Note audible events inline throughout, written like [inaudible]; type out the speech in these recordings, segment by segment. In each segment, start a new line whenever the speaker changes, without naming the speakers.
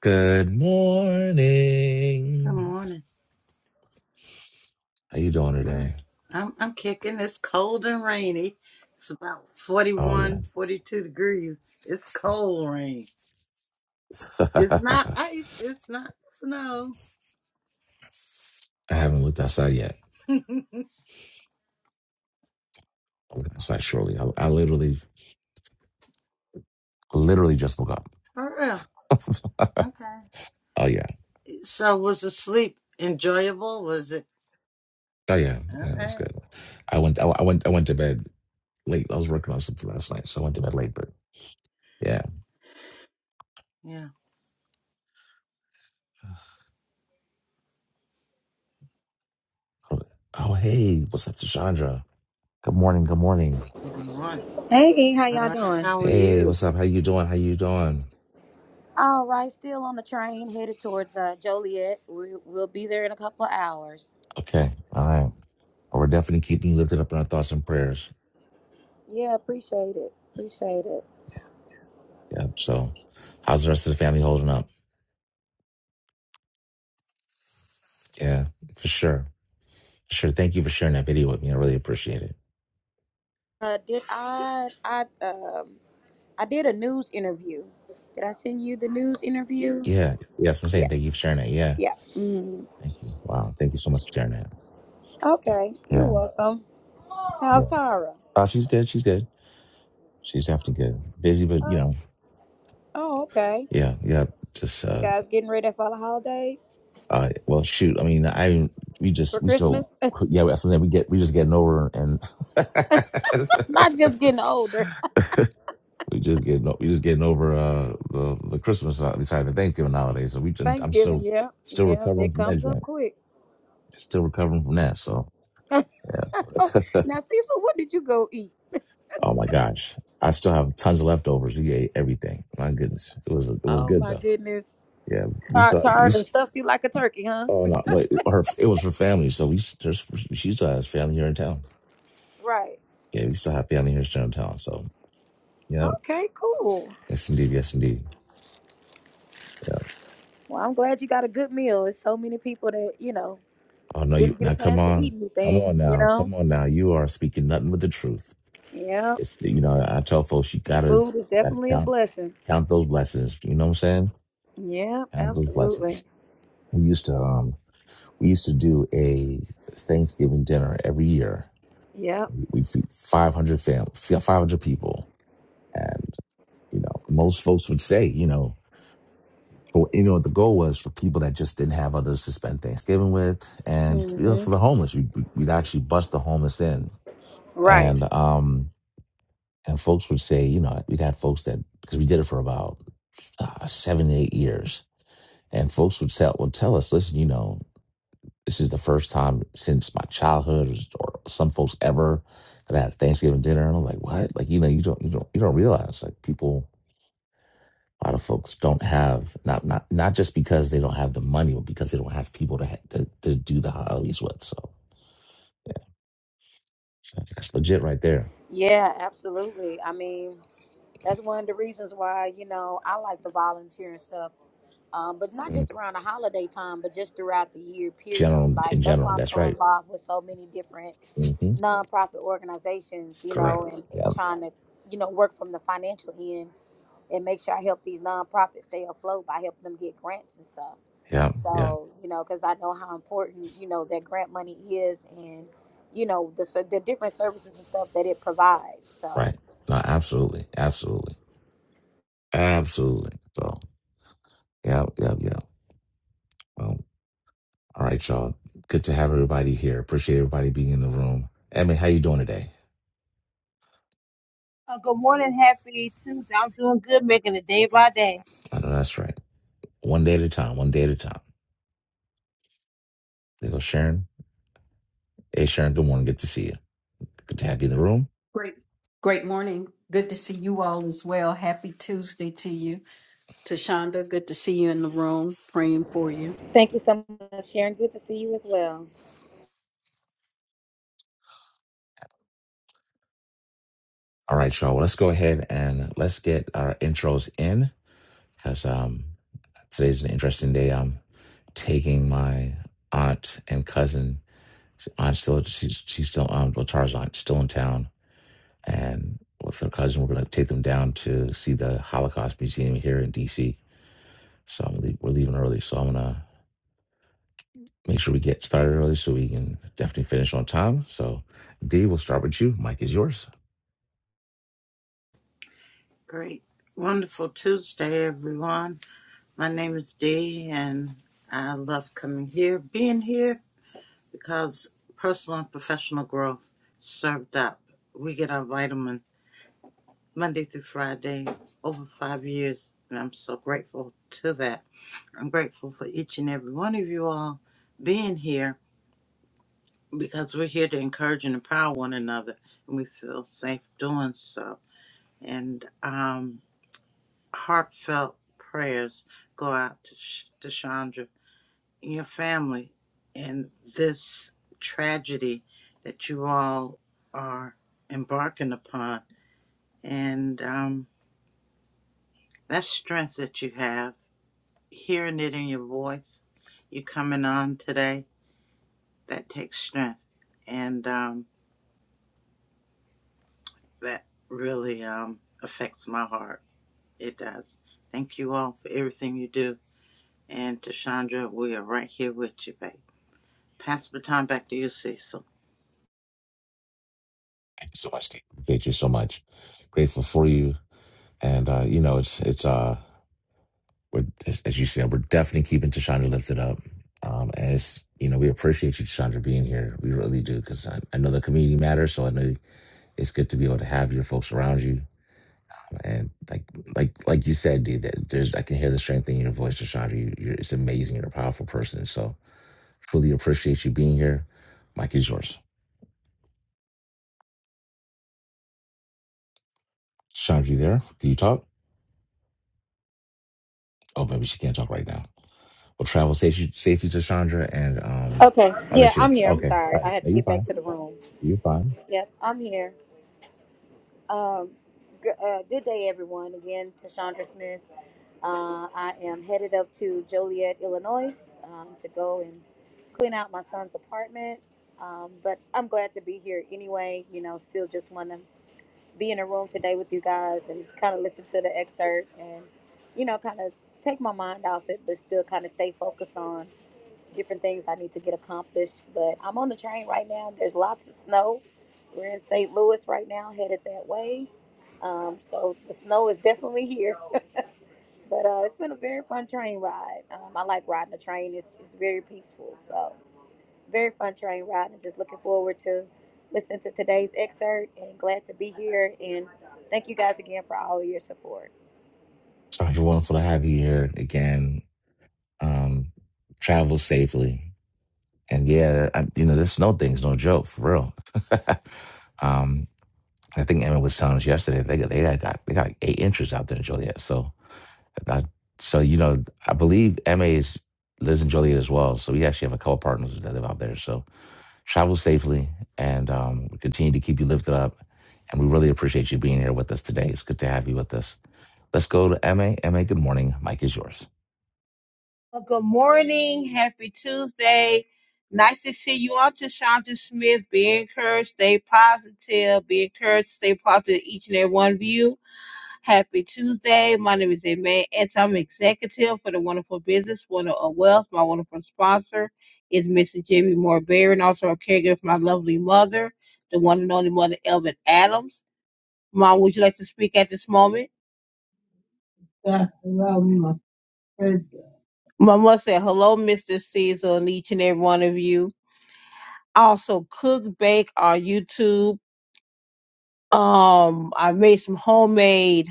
Good
Good
morning.
morning.
How you doing
Mm,
today?
I'm I'm kicking. It's cold and rainy. It's about forty
Oh yeah,
one, 42 degrees. It's cold rain.
[laughs]
It's
I
not ice. It's not snow.
haven't looked outside yet.
[laughs] For
I'll look outside shortly. I, I literally, literally just woke up.
real.
[laughs]
Okay.
oh yeah,
So was the sleep enjoyable? Was it
oh yeah, yeah,
all
it was good.
right?
I went, I, I went, I went to bed late. I was working on something last night, so I went to bed late. But yeah. [sighs]
Yeah.
Oh oh, hey, what's up, Chandra? Good morning. Good morning.
Good morning.
Hey, E, how
All
y'all
right.
doing?
How are
Hey,
you?
what's up? How you doing? How you doing?
All right, still on the train headed towards uh, Joliet. We, we'll be there in a couple of hours.
Okay, all right. Well, We're definitely keeping you lifted up in our thoughts and prayers.
Yeah, appreciate it. Appreciate it.
Yep. So, how's the rest of the family holding up? Yeah, for sure. Sure. Thank you for sharing that video with me. I really appreciate it.
Uh, did I? I um I did a news interview. Did I send you the news interview?
Yeah. Yeah. That's what I'm
Yeah,
saying. Thank you for sharing that. Yeah.
yeah. Mm.
Thank you. Wow. Thank you so much for sharing that.
Okay, you're
Yeah.
welcome. How's
Yeah.
Tara?
Uh, she's good. She's good. She's definitely good. Busy, but you
Uh,
know,
oh, okay.
yeah. Yeah. Just,
You
uh,
guys getting ready for the holidays?
uh, well, shoot. I mean, I, we just,
For
we
Christmas?
still, yeah, that's what I'm saying. We get, we just getting over and
[laughs] Not
[laughs]
just getting older.
We just getting o- we just getting over uh the the Christmas uh, sorry the Thanksgiving holiday. So we just, I'm
Thanksgiving,
still
yeah.
still
Yeah,
recovering
it
from that
comes up
joint.
quick.
Still recovering from that. So
[laughs] Oh,
yeah.
now Cecil, what did you go eat?
[laughs] oh my gosh, I still have tons of leftovers. We ate everything. My goodness, it was it was
Oh
good
my
though.
goodness.
Yeah, we
Tired,
still we
tired and
s-
stuff you like a turkey, huh?
oh no, like her it was her family. So we s- there's she still has family here in town.
Right.
Yeah, we still have family here in town. So yeah,
Okay, cool.
yes indeed, yes indeed. Yeah.
Well, I'm glad you got a good meal. It's so many people that, you know,
Oh no, you
didn't
now
get a
come
chance to eat
on, come on
anything, you
now,
know?
come on now. You are speaking nothing but the truth.
Yeah,
It's you know, I tell folks you gotta
food is
gotta
definitely a
count
blessing.
count those blessings. You know what I'm saying?
Yeah,
Count those
absolutely.
blessings. We used to um we used to do a Thanksgiving dinner every year.
Yep.
We- We'd feed 500 fam 500 people, and you know most folks would say you know well, you know what the goal was for people that just didn't have others to spend Thanksgiving with, and you know,
hmm
for the homeless we'd, we'd actually bust the homeless in,
Right.
and um and folks would say you know we'd had folks that because we did it for about uh, seven, eight years. And folks would tell would tell us, listen, you know, this is the first time since my childhood or some folks ever that I had a Thanksgiving dinner. And I'm like, what? Like, you know, you don't you don't you don't realize like people a lot of folks don't have not not not just because they don't have the money, but because they don't have people to ha- to, to do the holidays with. So yeah, that's, that's legit right there.
Yeah, absolutely. I mean, that's one of the reasons why, you know, I like the volunteering stuff um, but not
Mm.
just around the holiday time, but just throughout the year, period.
General
Like
in
that's why
general,
I'm
that's
so
right.
involved with so many different
hmm
nonprofit organizations, you know,
Correct.
and, and
Yeah,
trying to, you know, work from the financial end and make sure I help these nonprofits stay afloat by helping them get grants and stuff.
yeah, yeah.
So, you know, because I know how important, you know, that grant money is and, you know, the, ser- the different services and stuff that it provides. So
Right. No, absolutely, absolutely, absolutely. So. Yep, yep, yep. Um, all right, y'all. Good to have everybody here. Appreciate everybody being in the room. Emmy, how you doing today?
Uh, good morning, happy Tuesday. I'm doing good, making it day by day.
I know that's right. One day at a time. One day at a time. There goes Sharon. Hey, Sharon. Good morning. Good to see you. Good to have you in the room.
Great, great morning. Good to see you all as well. Happy Tuesday to you. Tashonda, good to see you in the room, praying for you.
thank you so much, Sharon. Good to see you as well.
All right, y'all. Well, let's go ahead and let's get our intros in because um, today's an interesting day. I'm taking my aunt and cousin. Aunt still she's she's still um well, Tara's aunt still in town and with her cousin, we're going to take them down to see the Holocaust Museum here in DC. So I'm leave, we're leaving early, so I'm gonna make sure we get started early so we can definitely finish on time. So, Dee, we'll start with you. Mike is yours.
Great. Wonderful Tuesday, everyone. My name is Dee, and I love coming here, being here, because personal and professional growth served up. We get our vitamin Monday through Friday over five years, and I'm so grateful to that. I'm grateful for each and every one of you all being here because we're here to encourage and empower one another, and we feel safe doing so. And um, heartfelt prayers go out to, Sh- to Chandra your family and this tragedy that you all are embarking upon. And um, that strength that you have, hearing it in your voice, you coming on today, that takes strength. And um, that really um, affects my heart. It does. Thank you all for everything you do. And Tashandra, we are right here with you, babe. Pass the baton back to you, Cecil.
Thank you so much, Dee. Appreciate you so much. Grateful for you, and uh, you know it's it's uh we're, as, as you said we're definitely keeping Tashonda lifted up. Um, and it's you know, we appreciate you, Chandra, being here. We really do, because I, I know the community matters. So I know it's good to be able to have your folks around you And like like like you said, dude. that there's I can hear the strength in your voice, Rashad. You, you're it's amazing. You're a powerful person. So truly appreciate you being here. Mike is yours. Chandra, you there? Can you talk? Oh, maybe she can't talk right now. Well, travel safety safety to Chandra and um.
Okay.
Oh, there
Yeah,
she
I'm
goes.
here. I'm
Okay,
sorry.
all
I
right.
had to
No, you're
get back
fine.
to the room.
You're fine.
Yep, I'm here. Um, gr- uh, good day, everyone. Again, Tashandra Smith. Uh, I am headed up to Joliet, Illinois, um, to go and clean out my son's apartment. Um, but I'm glad to be here anyway. You know, still just want to be in a room today with you guys and kind of listen to the excerpt and, you know, kind of take my mind off it, but still kind of stay focused on different things I need to get accomplished. But I'm on the train right now. There's lots of snow. We're in St. Louis right now, headed that way. Um, so the snow is definitely here. But uh, it's been a very fun train ride. Um, I like riding the train. It's, it's very peaceful. So very fun train ride. And just looking forward to listening to today's excerpt and glad to be here. And thank you guys again for all of your support.
Chandra, wonderful to have you here again. Um, travel safely. And yeah, I, you know, this snow thing's no joke for real. [laughs] um, I think Emma was telling us yesterday they got they got got- they got like eight inches out there in Joliet. So I, so you know I believe Emma is lives in Joliet as well. So we actually have a couple partners that live out there. So travel safely and um, we continue to keep you lifted up. And we really appreciate you being here with us today. It's good to have you with us. Let's go to MA. MA, good morning. Mike is yours.
Uh, good morning, happy Tuesday. Nice to see you on to Shonda Smith. Be encouraged, stay positive. Be encouraged, stay positive, each and every one of you. Happy Tuesday. My name is Amen, and I'm executive for the Wonderful Business, Wonderful Wealth. My wonderful sponsor is Mrs. Jimmy Moore Berry, and also a caregiver for my lovely mother, the one and only mother, Elvin Adams. Mom, would you like to speak at this moment? Yeah, hello, my friend. Mama said, hello, Mr. Caesar, and each and every one of you. I Also, cook, bake on YouTube. Um, I made some homemade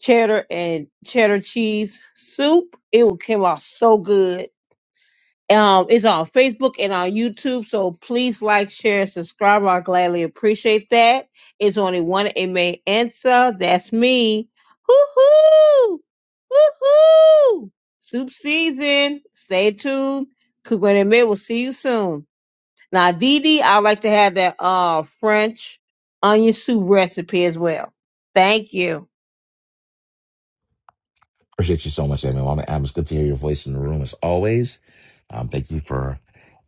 cheddar and cheddar cheese soup. It will- came out so good. Um, it's on Facebook and on YouTube. So please like, share, and subscribe. I gladly appreciate that. It's only one Amen answer. That's me. Hoo hoo! Hoo hoo! Soup season. Stay tuned. Cook and Amen. We'll see you soon. Now, Dee Dee, I'd like to have that uh French onion soup recipe as well. Thank you.
Appreciate you so much, Amy. Mama Adams, good to hear your voice in the room as always. Um, thank you for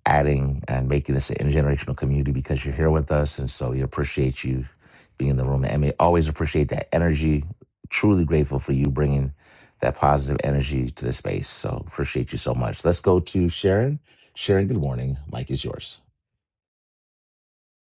adding and making this an intergenerational community because you're here with us. And so we appreciate you being in the room. And we always appreciate that energy. Truly grateful for you bringing that positive energy to the space. So appreciate you so much. Let's go to Sharon. Sharon, good morning. Mike is yours.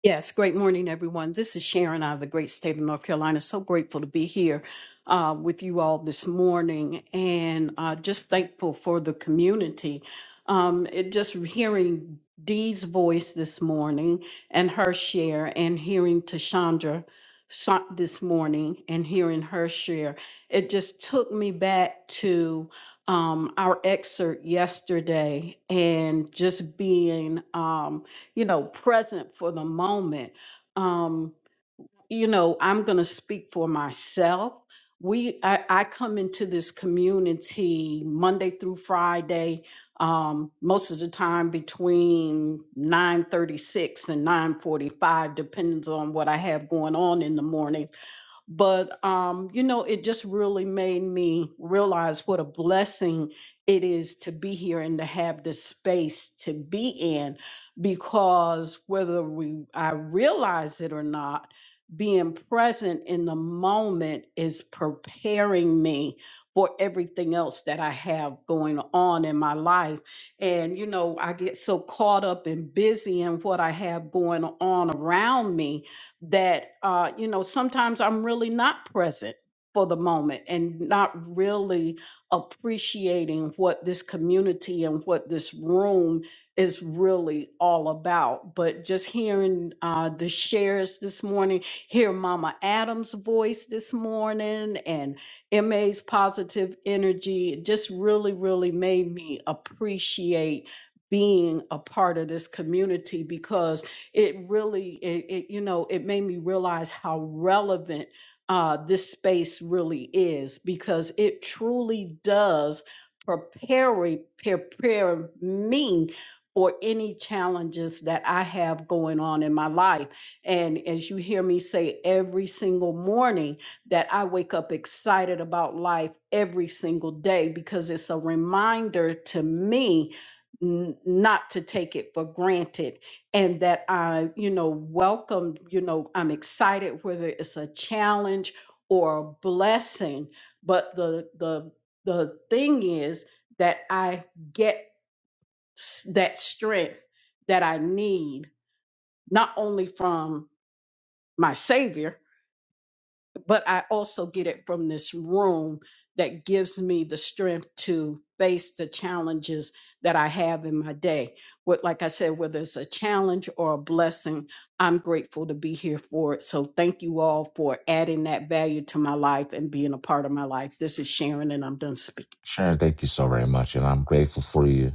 Yes, great morning, everyone. This is Sharon out of the great state of North Carolina. So grateful to be here uh, with you all this morning and uh, just thankful for the community. Um, it just hearing Dee's voice this morning and her share, and hearing Tashandra so- this morning and hearing her share, it just took me back to um, our excerpt yesterday and just being. Um, you know, present for the moment. Um, you know, I'm going to speak for myself. We, I, I come into this community Monday through Friday, um, most of the time between 9:36 and 9:45, depends on what I have going on in the morning but um, you know, it just really made me realize what a blessing it is to be here and to have this space to be in, because whether we I realize it or not, being present in the moment is preparing me for everything else that I have going on in my life. And you know, I get so caught up and busy in what I have going on around me that uh, you know sometimes i'm really not present for the moment and not really appreciating what this community and what this room is really all about but just hearing uh, the shares this morning hear mama adams voice this morning and ma's positive energy it just really really made me appreciate being a part of this community because it really it, it you know it made me realize how relevant uh, this space really is because it truly does prepare prepare me for any challenges that I have going on in my life. And as you hear me say every single morning, that I wake up excited about life every single day because it's a reminder to me n- not to take it for granted and that I, you know, welcome, you know, I'm excited whether it's a challenge or a blessing, but the the the thing is that I get s- that strength that I need not only from my savior but I also get it from this room that gives me the strength to face the challenges that I have in my day. What, like I said, whether it's a challenge or a blessing, I'm grateful to be here for it. So thank you all for adding that value to my life and being a part of my life. This is Sharon, and I'm done speaking.
Sharon, thank you so very much. And I'm grateful for you.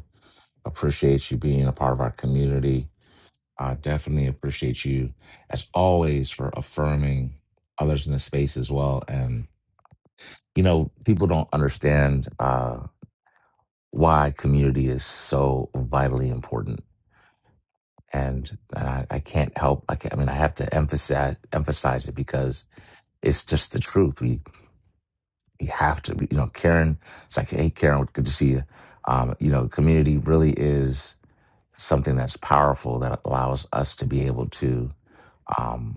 Appreciate you being a part of our community I definitely appreciate you as always for affirming others in the space as well. And, you know, people don't understand uh, why community is so vitally important. And, and I, I can't help, I, can't, I mean, I have to emphasize, emphasize it because it's just the truth. We, we have to, you know, Karen, it's like, hey, Karen, good to see you. Um, you know, community really is something that's powerful that allows us to be able to. um,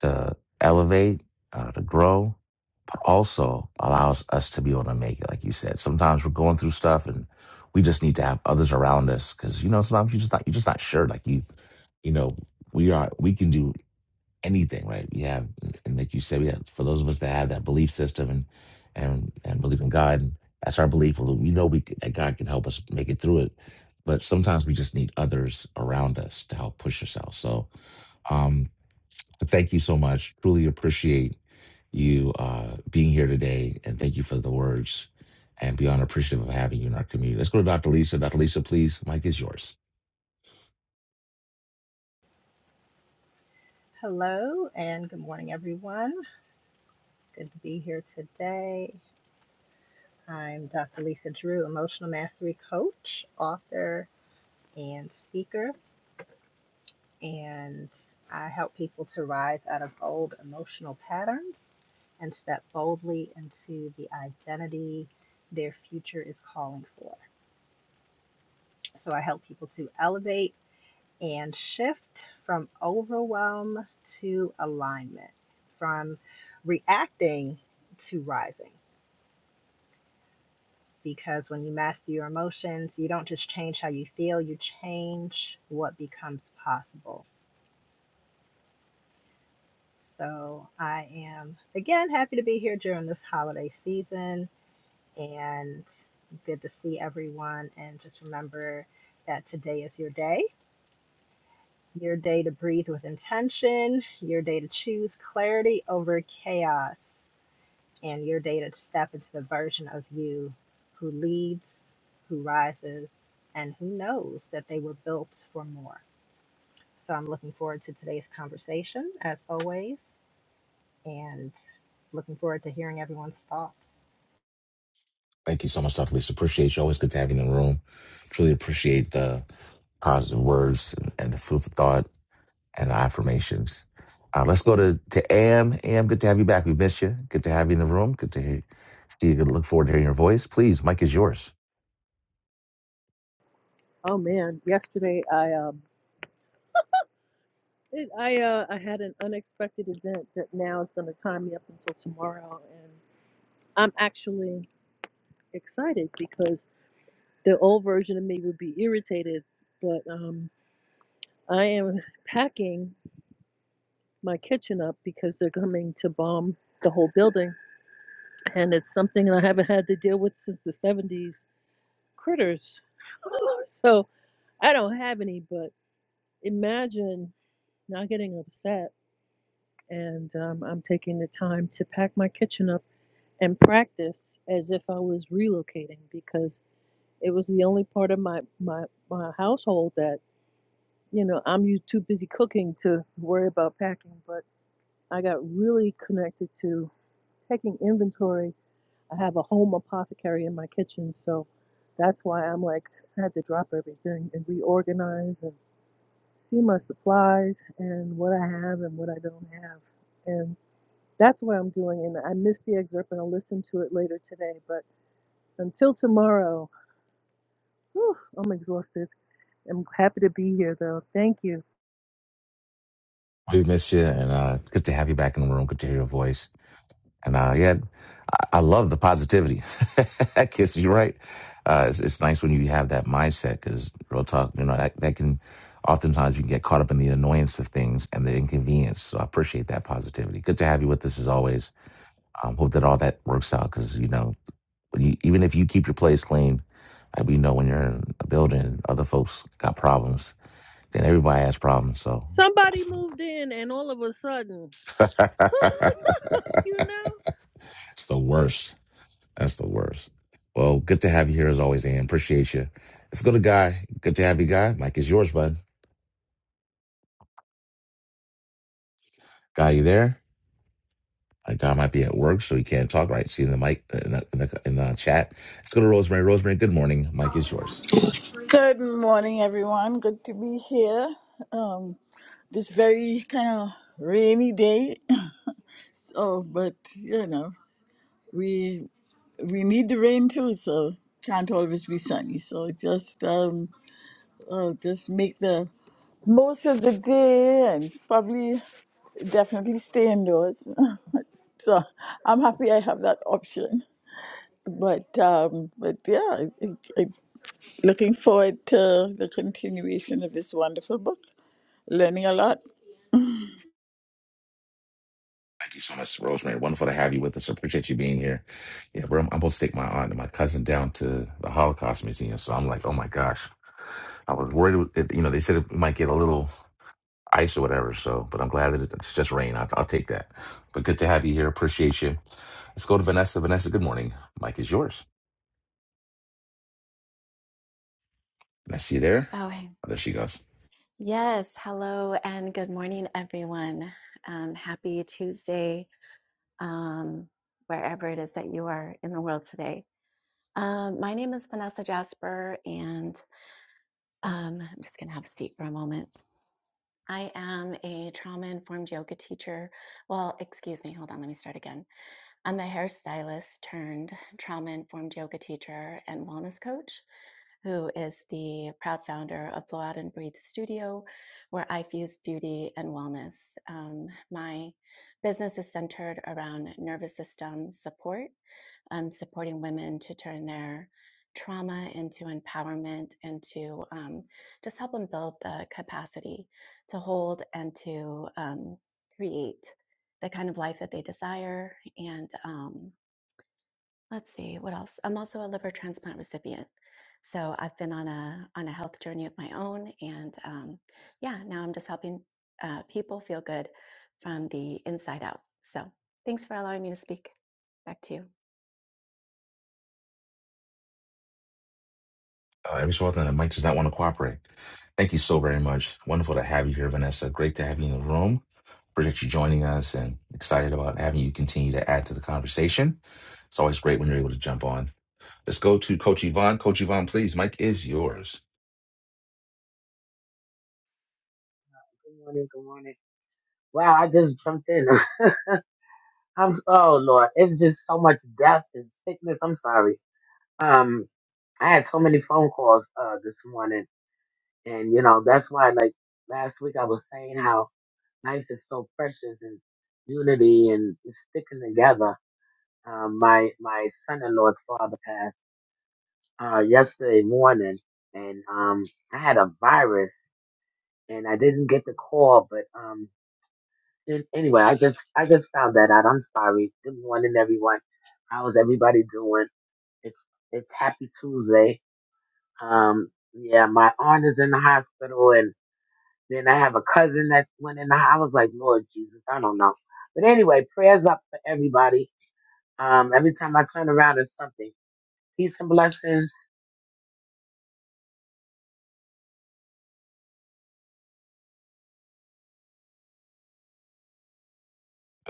to elevate, uh, to grow, but also allows us to be able to make it. Like you said, sometimes we're going through stuff and we just need to have others around us because you know sometimes you just not you're just not sure. Like you, you know, we are we can do anything, right? We have, and like you said, we have for those of us that have that belief system and and and believe in God. And That's our belief. We know we c- that God can help us make it through it, but sometimes we just need others around us to help push ourselves. So, um, but thank you so much. Truly appreciate you uh, being here today. And thank you for the words and beyond appreciative of having you in our community. Let's go to Dr. Lisa. Dr. Lisa, please, Mike is yours. Thank you so much, Dr. Lisa. Appreciate you. Always good to have you in the room. Truly appreciate the positive words and the food for thought and the affirmations. Uh, let's go to, to AM. AM, good to have you back. We missed you. Good to have you in the room. Good to hear, Do you look forward to hearing your voice? Please, Mike is yours.
Oh man, yesterday I um it, I uh I had an unexpected event that now is going to tie me up until tomorrow and I'm actually excited because the old version of me would be irritated, but um I am packing my kitchen up because they're coming to bomb the whole building and it's something I haven't had to deal with since the 70s critters. [gasps] [laughs] so, I don't have any, but imagine not getting upset and um, I'm taking the time to pack my kitchen up and practice as if I was relocating because it was the only part of my my, my household that you know I'm u- too busy cooking to worry about packing. But I got really connected to taking inventory. I have a home apothecary in my kitchen, so that's why I'm like I had to drop everything and reorganize and see my supplies and what I have and what I don't have and That's what I'm doing, and I missed the excerpt, and I'll listen to it later today. But until tomorrow, whew, I'm exhausted. I'm happy to be here, though. Thank you.
We missed you, and uh, good to have you back in the room. Good to hear your voice. And uh, yeah, I, I love the positivity. [laughs] I guess you're right. Uh, it's, it's nice when you have that mindset because real talk, you know, that, that can oftentimes you can get caught up in the annoyance of things and the inconvenience. So I appreciate that positivity. Good to have you with us as always. Um, hope that all that works out because you know, when you, even if you keep your place clean, like we know when you're in a building, other folks got problems Then everybody has problems. So
Somebody
that's
moved in, and all of a sudden, [laughs]
[laughs]
you know,
it's the worst. That's the worst. Well, good to have you here as always, Ann. Appreciate you. Let's go to Guy. Good to have you, Guy. Mike is yours, bud. Guy, you there? Uh, Guy might be at work, so he can't talk. Right? See in the mic uh, in the, in the in the chat. Let's go to Rosemary. Rosemary, good morning. Mike is yours.
Good morning, everyone. Good to be here. Um, this very kind of rainy day. [laughs] So, but you know, we we need the rain too. So can't always be sunny. So just um, uh, just make the most of the day and probably definitely stay indoors. [laughs] so I'm happy I have that option. But um, but yeah, I, I, I'm looking forward to the continuation of this wonderful book. Learning a lot.
Thank you so much, Rosemary. Wonderful to have you with us. I appreciate you being here. Yeah, bro, I'm supposed to take my aunt and my cousin down to the Holocaust Museum. So I'm like, oh my gosh. I was worried, with it, you know, they said it might get a little ice or whatever. So, but I'm glad that it's just rain. I'll, I'll take that. But good to have you here. Appreciate you. Let's go to Vanessa. Vanessa, good morning. Mike is yours. Vanessa, you there?
Oh, hey.
Oh, there she goes.
yes. Hello and good morning, everyone. Um, happy Tuesday, um, wherever it is that you are in the world today. Um, my name is Vanessa Jasper, and um, I'm just going to have a seat for a moment. I am a trauma informed yoga teacher. Well, excuse me, hold on, let me start again. I'm a hairstylist turned trauma informed yoga teacher and wellness coach. who is the proud founder of Blow Out and Breathe Studio, where I fuse beauty and wellness. Um, my business is centered around nervous system support, um, supporting women to turn their trauma into empowerment and to um, just help them build the capacity to hold and to um, create the kind of life that they desire and. Um, Let's see what else. I'm also a liver transplant recipient, so I've been on a on a health journey of my own, and um, yeah, now I'm just helping uh, people feel good from the inside out. So thanks for allowing me to speak. Back to you.
Uh, every so often, Mike does not want to cooperate. Thank you so very much. Wonderful to have you here, Vanessa. Great to have you in the room. Appreciate you joining us and excited about having you continue to add to the conversation. It's always great when you're able to jump on. Let's go to Coach Yvonne. Coach Yvonne, please. Mike is yours.
Good morning, good morning. Wow, I just jumped in. [laughs] I'm oh Lord, it's just so much death and sickness. I'm sorry. Um, I had so many phone calls uh this morning, and you know that's why like last week I was saying how life is so precious and unity and sticking together. Um, my my son-in-law's father passed uh yesterday morning, and um I had a virus and I didn't get the call, but um And anyway, I just I just found that out. I'm sorry. Good morning, everyone. How is everybody doing? It's it's Happy Tuesday. Um, yeah, my aunt is in the hospital, and then I have a cousin that went in. The, I was like, Lord Jesus, I don't know. But anyway, prayers up for everybody. Um, every time I turn around, it's something. Peace and blessings.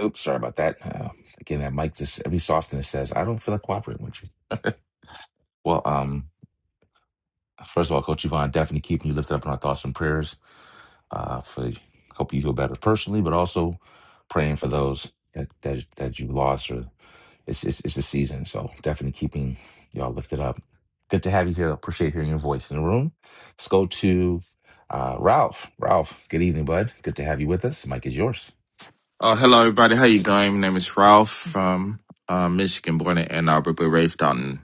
Oops, sorry about that. Uh, again, that mic just every so often it says, I don't feel like cooperating with you. Well, um, first of all, Coach Yvonne, definitely keeping you lifted up in our thoughts and prayers uh, for hope you feel better personally, but also praying for those that, that, that you lost or. it's it's it's a season. So definitely keeping y'all lifted up. Good to have you here. Appreciate hearing your voice in the room. Let's go to uh, Ralph. Ralph, good evening, bud. Good to have you with us. Mike is yours.
Oh, hello everybody. How you doing? My name is Ralph from uh, Michigan, born in Ann Arbor, but raised out in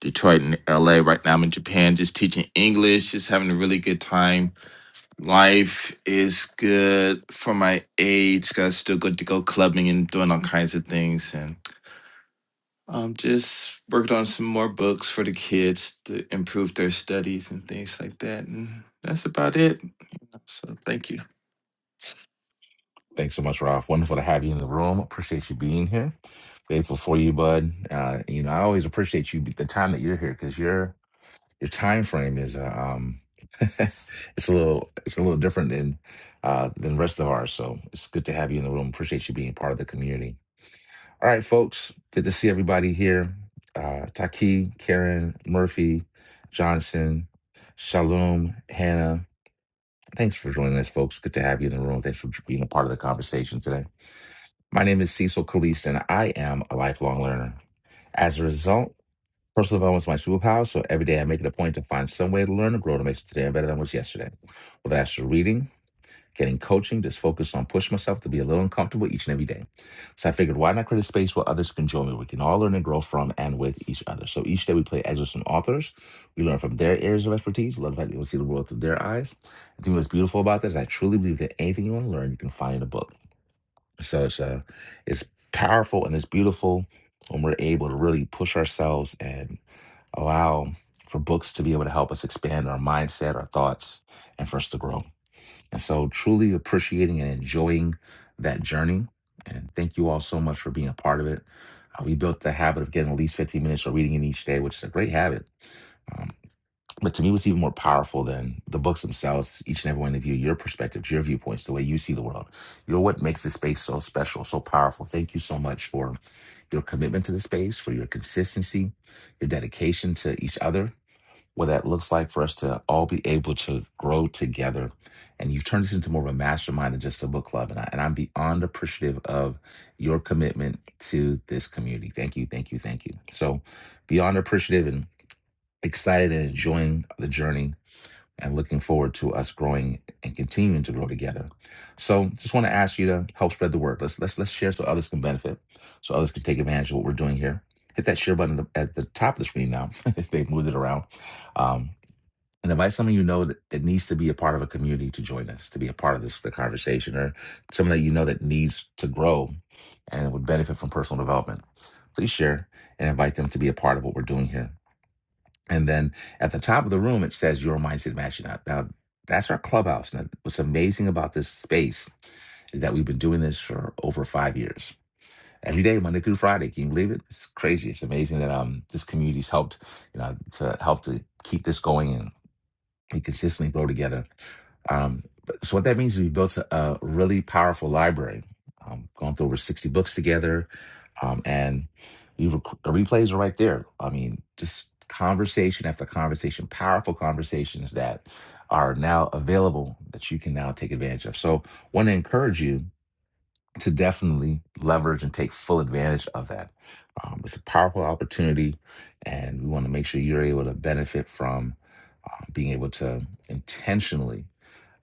Detroit and LA. Right now, I'm in Japan, just teaching English, just having a really good time. Life is good for my age. Got still good to go clubbing and doing all kinds of things, and um, just worked on some more books for the kids to improve their studies and things like that. And that's about it. So, thank you.
Thanks so much, Ralph. Wonderful to have you in the room. Appreciate you being here. Grateful for you, bud. Uh, you know, I always appreciate you the time that you're here because your your time frame is uh, um [laughs] it's a little it's a little different than uh than the rest of ours. So it's good to have you in the room. Appreciate you being part of the community. All right, folks. Good to see everybody here. Uh, Taki, Karen, Murphy, Johnson, Shalom, Hannah. Thanks for joining us, folks. Good to have you in the room. Thanks for being a part of the conversation today. My name is Cecil Kalist, and I am a lifelong learner. As a result, personal development is my superpower, so every day I make it a point to find some way to learn and grow to make today better than it was yesterday. Whether that's through reading, getting coaching, just focus on pushing myself to be a little uncomfortable each and every day. So I figured, why not create a space where others can join me? We can all learn and grow from and with each other. So each day we play excerpts from authors. We learn from their areas of expertise. We Love that people see the world through their eyes. I think what's beautiful about this, I truly believe that anything you want to learn, you can find in a book. So it's uh, it's powerful and it's beautiful when we're able to really push ourselves and allow for books to be able to help us expand our mindset, our thoughts, and for us to grow. And so truly appreciating and enjoying that journey. And thank you all so much for being a part of it. Uh, we built the habit of getting at least 15 minutes of reading in each day, which is a great habit. Um, but to me, what's even more powerful than the books themselves, each and every one of you, your perspectives, your viewpoints, the way you see the world. You're what makes this space so special, so powerful. Thank you so much for your commitment to the space, for your consistency, your dedication to each other, what that looks like for us to all be able to grow together. And you've turned this into more of a mastermind than just a book club. And, I, and I'm beyond appreciative of your commitment to this community. Thank you, thank you, thank you. So, beyond appreciative and excited and enjoying the journey and looking forward to us growing and continuing to grow together. So, just want to ask you to help spread the word. Let's let's let's share so others can benefit, so others can take advantage of what we're doing here. Hit that share button at the at the top of the screen now [laughs] if they moved it around. Um, and invite someone you know that, that needs to be a part of a community to join us, to be a part of this the conversation, or someone that you know that needs to grow and would benefit from personal development. Please share and invite them to be a part of what we're doing here. And then at the top of the room, it says your mindset matching up. Now that's our clubhouse. Now, what's amazing about this space is that we've been doing this for over five years. Every day, Monday through Friday. Can you believe it? It's crazy. It's amazing that um this community's helped, you know, to help to keep this going we consistently grow together. Um, but- so what that means is we built a, a really powerful library. Um, gone through over 60 books together. Um, and we rec- the replays are right there. I mean, just conversation after conversation, powerful conversations that are now available that you can now take advantage of. So want to encourage you to definitely leverage and take full advantage of that. Um, it's a powerful opportunity, and we want to make sure you're able to benefit from uh, being able to intentionally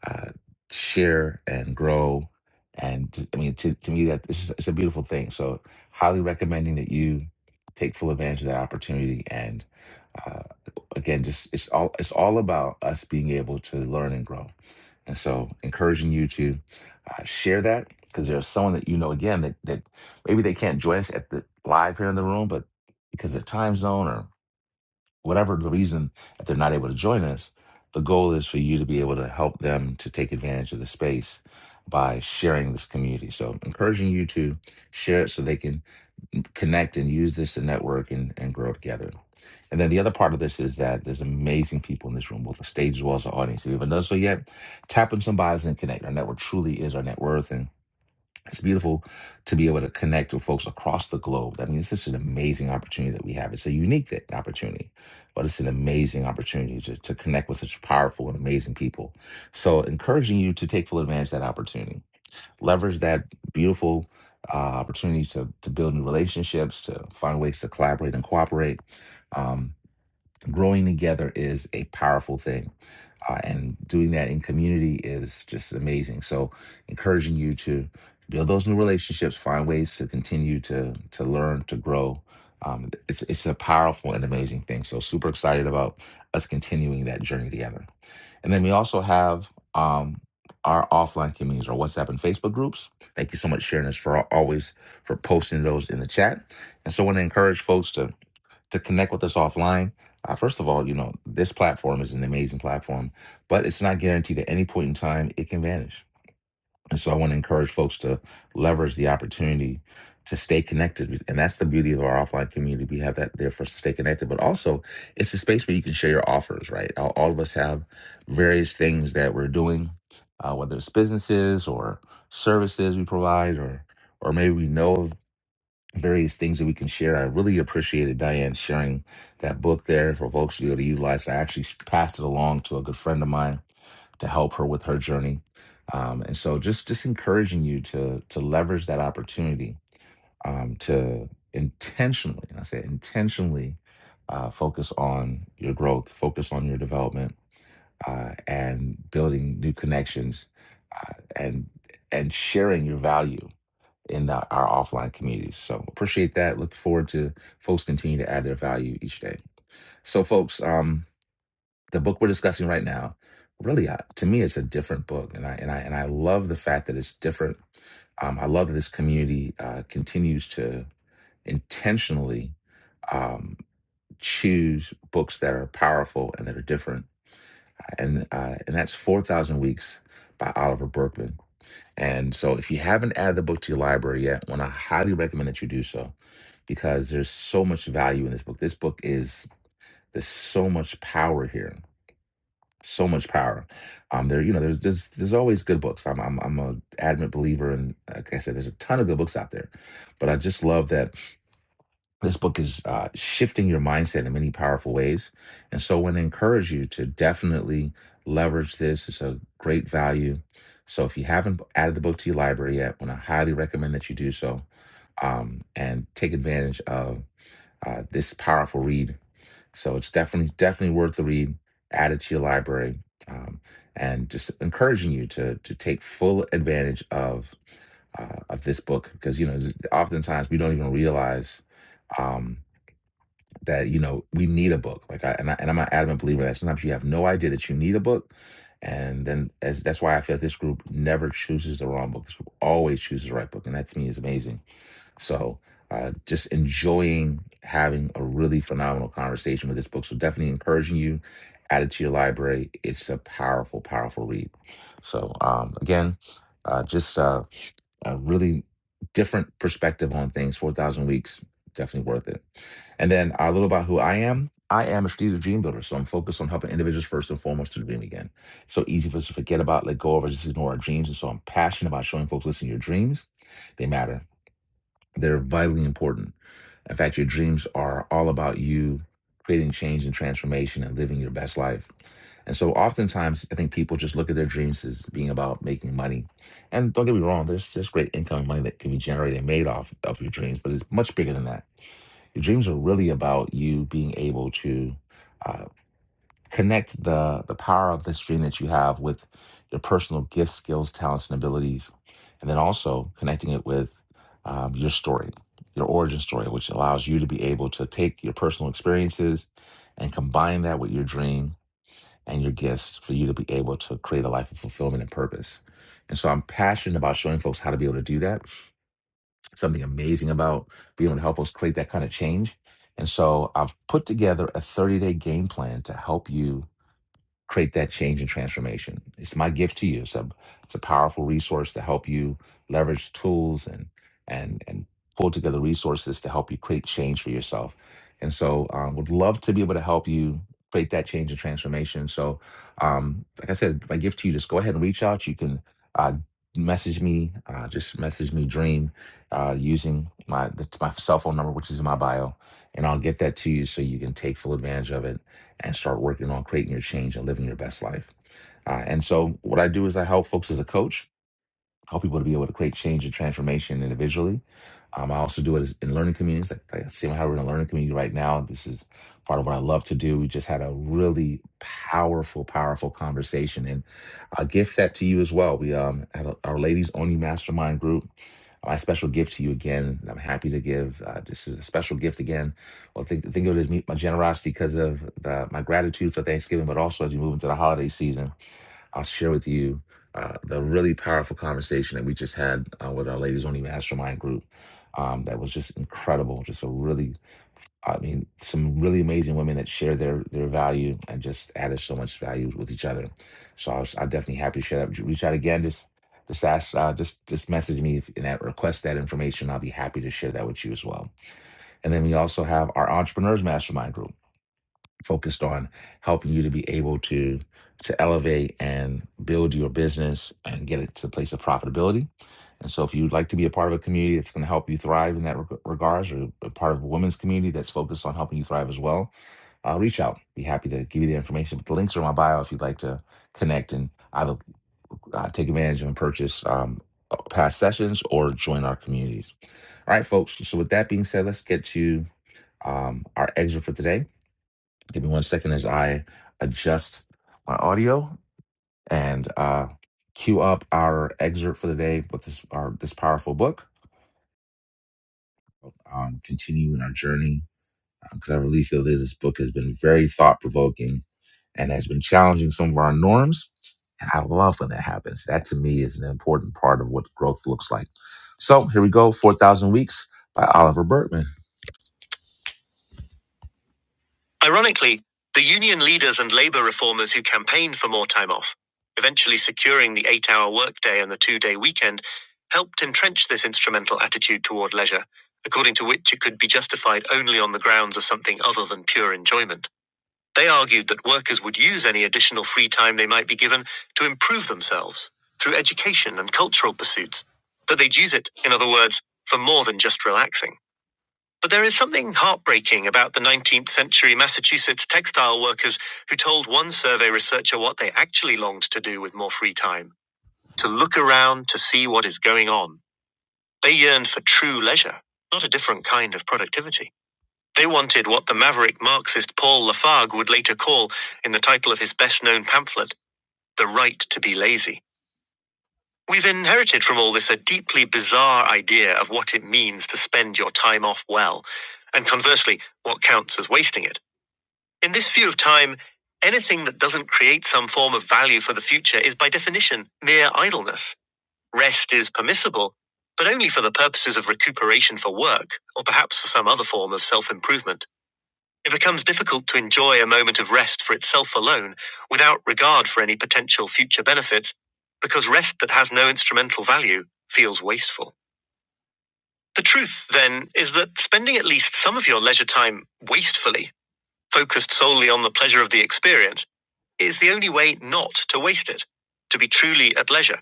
uh, share and grow. And t- I mean, to, to me, that it's, just, it's a beautiful thing. So, highly recommending that you take full advantage of that opportunity. And uh, again, just it's all it's all about us being able to learn and grow. And so, encouraging you to uh, share that because there's someone that you know again that that maybe they can't join us at the live here in the room, but because of their time zone whatever the reason that they're not able to join us the goal is for you to be able to help them to take advantage of the space by sharing this community so encouraging you to share it so they can connect and use this to network and, and grow together and then the other part of this is that there's amazing people in this room both the stage as well as the audience if you haven't done so yet tap on some bios and connect our network truly is our net worth And it's beautiful to be able to connect with folks across the globe. I mean, it's such an amazing opportunity that we have. It's a unique th- opportunity, but it's an amazing opportunity to, to connect with such powerful and amazing people. So, encouraging you to take full advantage of that opportunity, leverage that beautiful uh, opportunity to, to build new relationships, to find ways to collaborate and cooperate. Um, growing together is a powerful thing. Uh, and doing that in community is just amazing. So, encouraging you to build those new relationships, find ways to continue to to learn, to grow. Um, it's it's a powerful and amazing thing. So, super excited about us continuing that journey together. And then we also have um, our offline communities, our WhatsApp and Facebook groups. Thank you so much, Sharon, as for always for posting those in the chat. And so, I want to encourage folks to to connect with us offline, uh, first of all, you know, this platform is an amazing platform, but it's not guaranteed at any point in time it can vanish. And so I want to encourage folks to leverage the opportunity to stay connected. And that's the beauty of our offline community. We have that there for us to stay connected, but also it's a space where you can share your offers, right? All, all of us have various things that we're doing, uh, whether it's businesses or services we provide or or maybe we know of various things that we can share. I really appreciated Diane sharing that book there for folks to be able to utilize. I actually passed it along to a good friend of mine to help her with her journey. Um, and so just just encouraging you to to leverage that opportunity um, to intentionally, and I say intentionally, uh, focus on your growth, focus on your development, uh, and building new connections, uh, and and sharing your value in the, our offline communities. So appreciate that. Look forward to folks continue to add their value each day. So, folks, um, the book we're discussing right now, really, uh, to me, it's a different book, and I and I and I love the fact that it's different. Um, I love that this community uh, continues to intentionally um, choose books that are powerful and that are different, and uh, and that's Four Thousand Weeks by Oliver Burkman. And so, if you haven't added the book to your library yet, want to highly recommend that you do so because there's so much value in this book. This book is there's so much power here, so much power. Um, there, you know, there's there's there's always good books. I'm I'm I'm a adamant believer, and like I said, there's a ton of good books out there. But I just love that this book is uh, shifting your mindset in many powerful ways. And so I want to encourage you to definitely leverage this. It's a great value. So if you haven't added the book to your library yet, I want to highly recommend that you do so um, and take advantage of uh, this powerful read. So it's definitely, definitely worth the read. Add it to your library. Um, and just encouraging you to to take full advantage of uh, of this book because you know oftentimes we don't even realize um, that you know we need a book like I, and I and I'm an adamant believer that sometimes you have no idea that you need a book and then as that's why I feel like this group never chooses the wrong book this group always chooses the right book and that to me is amazing so uh, just enjoying having a really phenomenal conversation with this book so definitely encouraging you add it to your library it's a powerful powerful read so um again uh just uh a really different perspective on things. 4,000 weeks, definitely worth it. And then a little about who I am. I am a strategic dream builder, so I'm focused on helping individuals first and foremost to dream again. So easy for us to forget about, let go of, or just ignore our dreams. And so I'm passionate about showing folks, listen, your dreams, they matter. They're vitally important. In fact, your dreams are all about you creating change and transformation and living your best life. And so oftentimes I think people just look at their dreams as being about making money. And don't get me wrong, there's there's great income and money that can be generated and made off of your dreams, but it's much bigger than that. Your dreams are really about you being able to uh, Connect the the power of this dream that you have with your personal gifts, skills, talents, and abilities, and then also connecting it with um, your story, your origin story, which allows you to be able to take your personal experiences and combine that with your dream and your gifts for you to be able to create a life of fulfillment and purpose. And so I'm passionate about showing folks how to be able to do that. Something amazing about being able to help folks create that kind of change. And so I've put together a 30 day game plan to help you create that change and transformation. It's my gift to you. It's a, it's a powerful resource to help you leverage tools and and and pull together resources to help you create change for yourself. And so, um, would love to be able to help you create that change and transformation. So, um, like I said, my gift to you, just go ahead and reach out. You can uh, message me, uh, just message me Dream uh, using my that's my cell phone number, which is in my bio, and I'll get that to you so you can take full advantage of it and start working on creating your change and living your best life. Uh, and so, what I do is I help folks as a coach help people to be able to create change and transformation individually. Um, I also do it as- in learning communities, like, like see how we're in a learning community right now. This is part of what I love to do. We just had a really powerful, powerful conversation, and I'll gift that to you as well. We um, had a, our ladies only mastermind group. My special gift to you again. and I'm happy to give. Uh, this is a special gift again. Well, think think of it as me, my generosity because of the, my gratitude for Thanksgiving, but also as we move into the holiday season. I'll share with you uh, the really powerful conversation that we just had uh, with our Ladies Only Mastermind group. Um, that was just incredible. Just a really, I mean, some really amazing women that share their their value and just added so much value with each other. So I was, I'm definitely happy to share that. Reach out again, just just ask, uh, just just message me if, and that, request that information. I'll be happy to share that with you as well. And then we also have our Entrepreneurs Mastermind group focused on helping you to be able to to elevate and build your business and get it to the place of profitability. And so, if you'd like to be a part of a community that's going to help you thrive in that reg- regards, or a part of a women's community that's focused on helping you thrive as well, uh, reach out. Be happy to give you the information. But the links are in my bio if you'd like to connect and either uh, take advantage of and purchase um, uh, past sessions or join our communities. All right, folks. So, with that being said, let's get to um, our exit for today. Give me one second as I adjust my audio and uh, cue up our excerpt for the day with this our, this powerful book. Um, continue in our journey because I really feel that this book has been very thought provoking and has been challenging some of our norms. And I love when that happens. That to me is an important part of what growth looks like. So here we go, Four Thousand Weeks by Oliver Berkman. Ironically, the union leaders and labor reformers who campaigned for more time off, eventually securing the eight hour workday and the two day weekend, helped entrench this instrumental attitude toward leisure, according to which it could be justified only on the grounds of something other than pure enjoyment. They argued that workers would use any additional free time they might be given to improve themselves through education and cultural pursuits, that they'd use it, in other words, for more than just relaxing. But there is something heartbreaking about the 19th century Massachusetts textile workers who told one survey researcher what they actually longed to do with more free time to look around to see what is going on. They yearned for true leisure, not a different kind of productivity. They wanted what the maverick Marxist Paul Lafargue would later call, in the title of his best known pamphlet, the right to be lazy. We've inherited from all this a deeply bizarre idea of what it means to spend your time off well, and conversely, what counts as wasting it. In this view of time, anything that doesn't create some form of value for the future is by definition mere idleness. Rest is permissible, but only for the purposes of recuperation for work, or perhaps for some other form of self improvement. It becomes difficult to enjoy a moment of rest for itself alone without regard for any potential future benefits, because rest that has no instrumental value feels wasteful. The truth, then, is that spending at least some of your leisure time wastefully, focused solely on the pleasure of the experience, is the only way not to waste it, to be truly at leisure,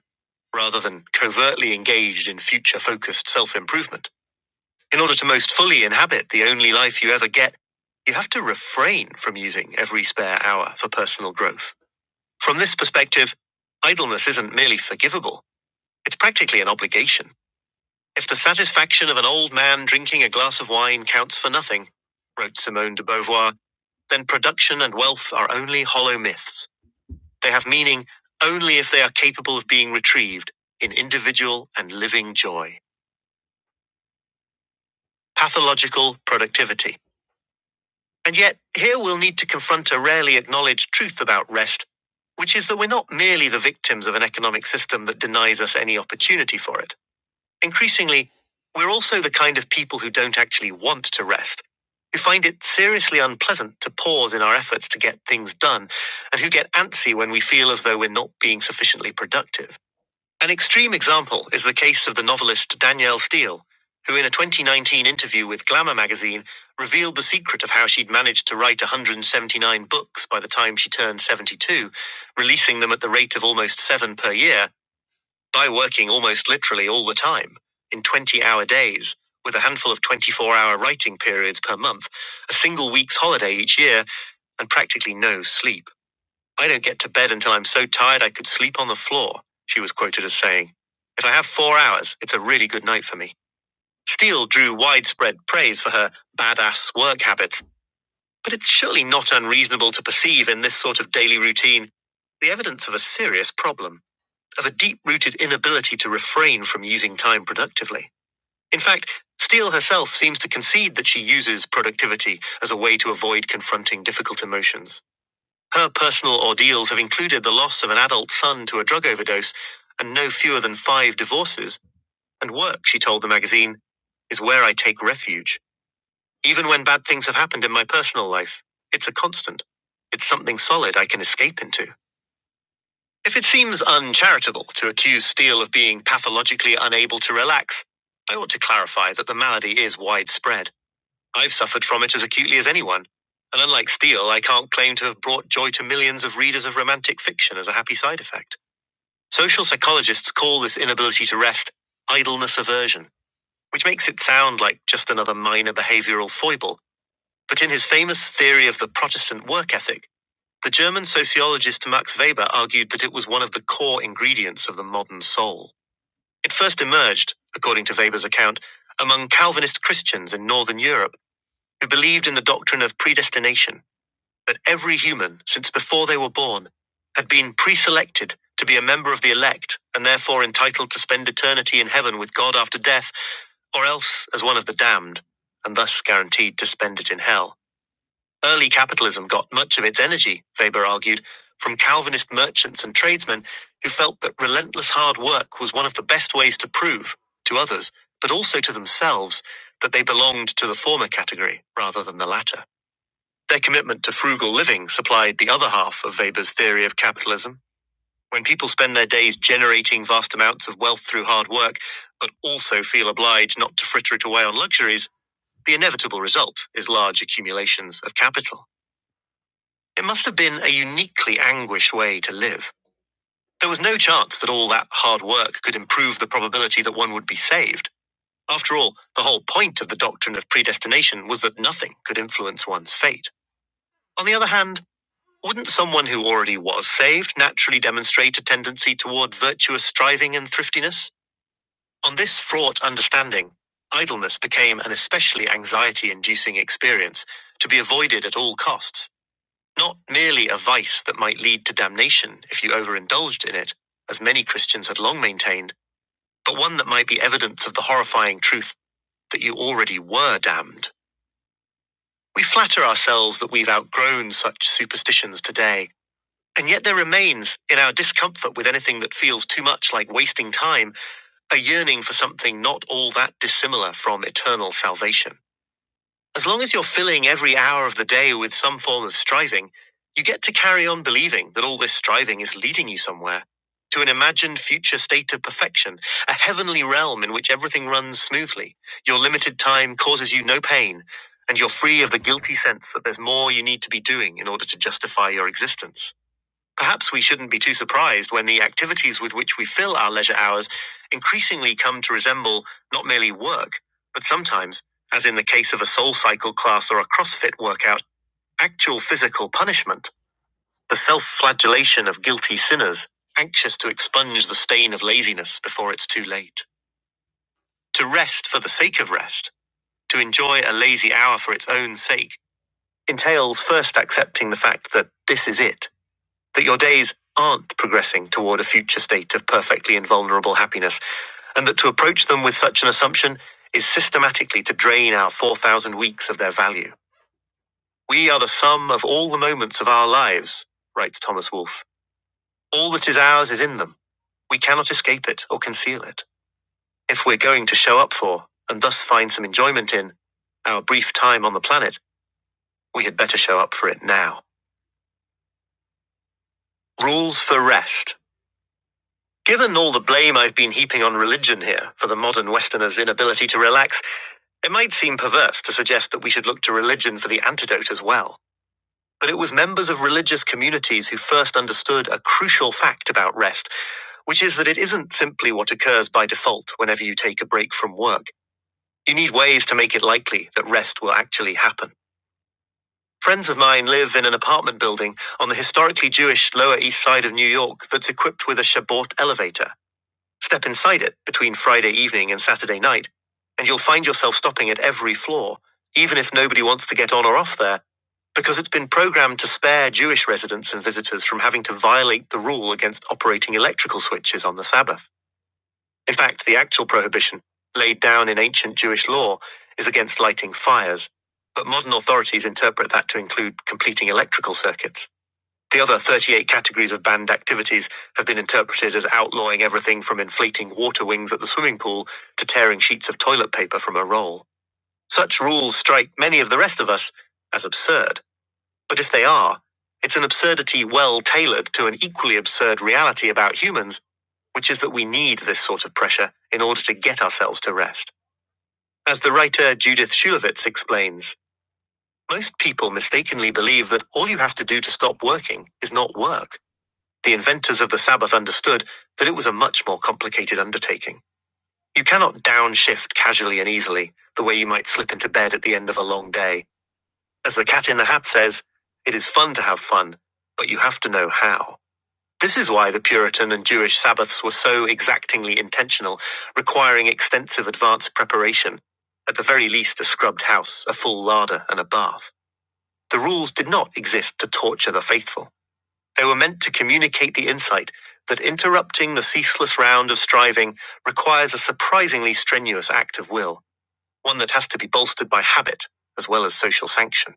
rather than covertly engaged in future focused self improvement. In order to most fully inhabit the only life you ever get, you have to refrain from using every spare hour for personal growth. From this perspective, idleness isn't merely forgivable, it's practically an obligation. If the satisfaction of an old man drinking a glass of wine counts for nothing, wrote Simone de Beauvoir, then production and wealth are only hollow myths. They have meaning only if they are capable of being retrieved in individual and living joy. Pathological productivity. And yet, here we'll need to confront a rarely acknowledged truth about rest, which is that we're not merely the victims of an economic system that denies us any opportunity for it. Increasingly, we're also the kind of people who don't actually want to rest, who find it seriously unpleasant to pause in our efforts to get things done, and who get antsy when we feel as though we're not being sufficiently productive. An extreme example is the case of the novelist Danielle Steele, who, in a 2019 interview with Glamour magazine, revealed the secret of how she'd managed to write 179 books by the time she turned 72, releasing them at the rate of almost seven per year by working almost literally all the time, in 20 hour days, with a handful of 24 hour writing periods per month, a single week's holiday each year, and practically no sleep. I don't get to bed until I'm so tired I could sleep on the floor, she was quoted as saying. If I have four hours, it's a really good night for me. Steele drew widespread praise for her badass work habits, but it's surely not unreasonable to perceive in this sort of daily routine the evidence of a serious problem, of a deep rooted inability to refrain from using time productively. In fact, Steele herself seems to concede that she uses productivity as a way to avoid confronting difficult emotions. Her personal ordeals have included the loss of an adult son to a drug overdose and no fewer than five divorces. And work, she told the magazine, is where I take refuge. Even when bad things have happened in my personal life, it's a constant. It's something solid I can escape into. If it seems uncharitable to accuse Steele of being pathologically unable to relax, I ought to clarify that the malady is widespread. I've suffered from it as acutely as anyone. And unlike Steele, I can't claim to have brought joy to millions of readers of romantic fiction as a happy side effect. Social psychologists call this inability to rest idleness aversion, which makes it sound like just another minor behavioral foible. But in his famous theory of the Protestant work ethic, the German sociologist Max Weber argued that it was one of the core ingredients of the modern soul. It first emerged, according to Weber's account, among Calvinist Christians in Northern Europe who believed in the doctrine of predestination that every human, since before they were born, had been preselected to be a member of the elect and therefore entitled to spend eternity in heaven with God after death, or else as one of the damned, and thus guaranteed to spend it in hell. Early capitalism got much of its energy, Weber argued, from Calvinist merchants and tradesmen who felt that relentless hard work was one of the best ways to prove, to others, but also to themselves, that they belonged to the former category rather than the latter. Their commitment to frugal living supplied the other half of Weber's theory of capitalism. When people spend their days generating vast amounts of wealth through hard work, but also feel obliged not to fritter it away on luxuries, the inevitable result is large accumulations of capital. It must have been a uniquely anguished way to live. There was no chance that all that hard work could improve the probability that one would be saved. After all, the whole point of the doctrine of predestination was that nothing could influence one's fate. On the other hand, Wouldn't someone who already was saved naturally demonstrate a tendency toward virtuous striving and thriftiness? On this fraught understanding, idleness became an especially anxiety inducing experience to be avoided at all costs, not merely a vice that might lead to damnation if you overindulged in it, as many Christians had long maintained, but one that might be evidence of the horrifying truth that you already were damned. We flatter ourselves that we've outgrown such superstitions today And yet there remains, in our discomfort with anything that feels too much like wasting time, a yearning for something not all that dissimilar from eternal salvation. As long as you're filling every hour of the day with some form of striving, you get to carry on believing that all this striving is leading you somewhere to an imagined future state of perfection, a heavenly realm in which everything runs smoothly. Your limited time causes you no pain, and you're free of the guilty sense that there's more you need to be doing in order to justify your existence. Perhaps we shouldn't be too surprised when the activities with which we fill our leisure hours increasingly come to resemble not merely work, but sometimes, as in the case of a soul cycle class or a CrossFit workout, actual physical punishment, the self flagellation of guilty sinners, anxious to expunge the stain of laziness before it's too late. To rest for the sake of rest, to enjoy a lazy hour for its own sake, entails first accepting the fact that this is it. that your days aren't progressing toward a future state of perfectly invulnerable happiness, and that to approach them with such an assumption is systematically to drain our 4,000 weeks of their value. We are the sum of all the moments of our lives, writes Thomas Wolfe. All that is ours is in them. We cannot escape it or conceal it. If we're going to show up for, and thus find some enjoyment in, our brief time on the planet, we had better show up for it now. Rules for rest. Given all the blame I've been heaping on religion here for the modern Westerner's inability to relax, it might seem perverse to suggest that we should look to religion for the antidote as well. But it was members of religious communities who first understood a crucial fact about rest, which is that it isn't simply what occurs by default whenever you take a break from work. You need ways to make it likely that rest will actually happen. Friends of mine live in an apartment building on the historically Jewish Lower East Side of New York that's equipped with a Shabbat elevator. Step inside it between Friday evening and Saturday night, and you'll find yourself stopping at every floor, even if nobody wants to get on or off there, because it's been programmed to spare Jewish residents and visitors from having to violate the rule against operating electrical switches on the Sabbath. In fact, the actual prohibition, laid down in ancient Jewish law, is against lighting fires. But modern authorities interpret that to include completing electrical circuits. The other 38 categories of banned activities have been interpreted as outlawing everything from inflating water wings at the swimming pool to tearing sheets of toilet paper from a roll. Such rules strike many of the rest of us as absurd, but if they are, it's an absurdity well tailored to an equally absurd reality about humans, which is that we need this sort of pressure in order to get ourselves to rest. As the writer Judith Shulevitz explains, most people mistakenly believe that all you have to do to stop working is not work. The inventors of the Sabbath understood that it was a much more complicated undertaking. You cannot downshift casually and easily, the way you might slip into bed at the end of a long day. As the cat in the hat says, it is fun to have fun, but you have to know how. This is why the Puritan and Jewish Sabbaths were so exactingly intentional, requiring extensive advanced preparation. At the very least, a scrubbed house, a full larder, and a bath. The rules did not exist to torture the faithful. They were meant to communicate the insight that interrupting the ceaseless round of striving requires a surprisingly strenuous act of will, one that has to be bolstered by habit as well as social sanction.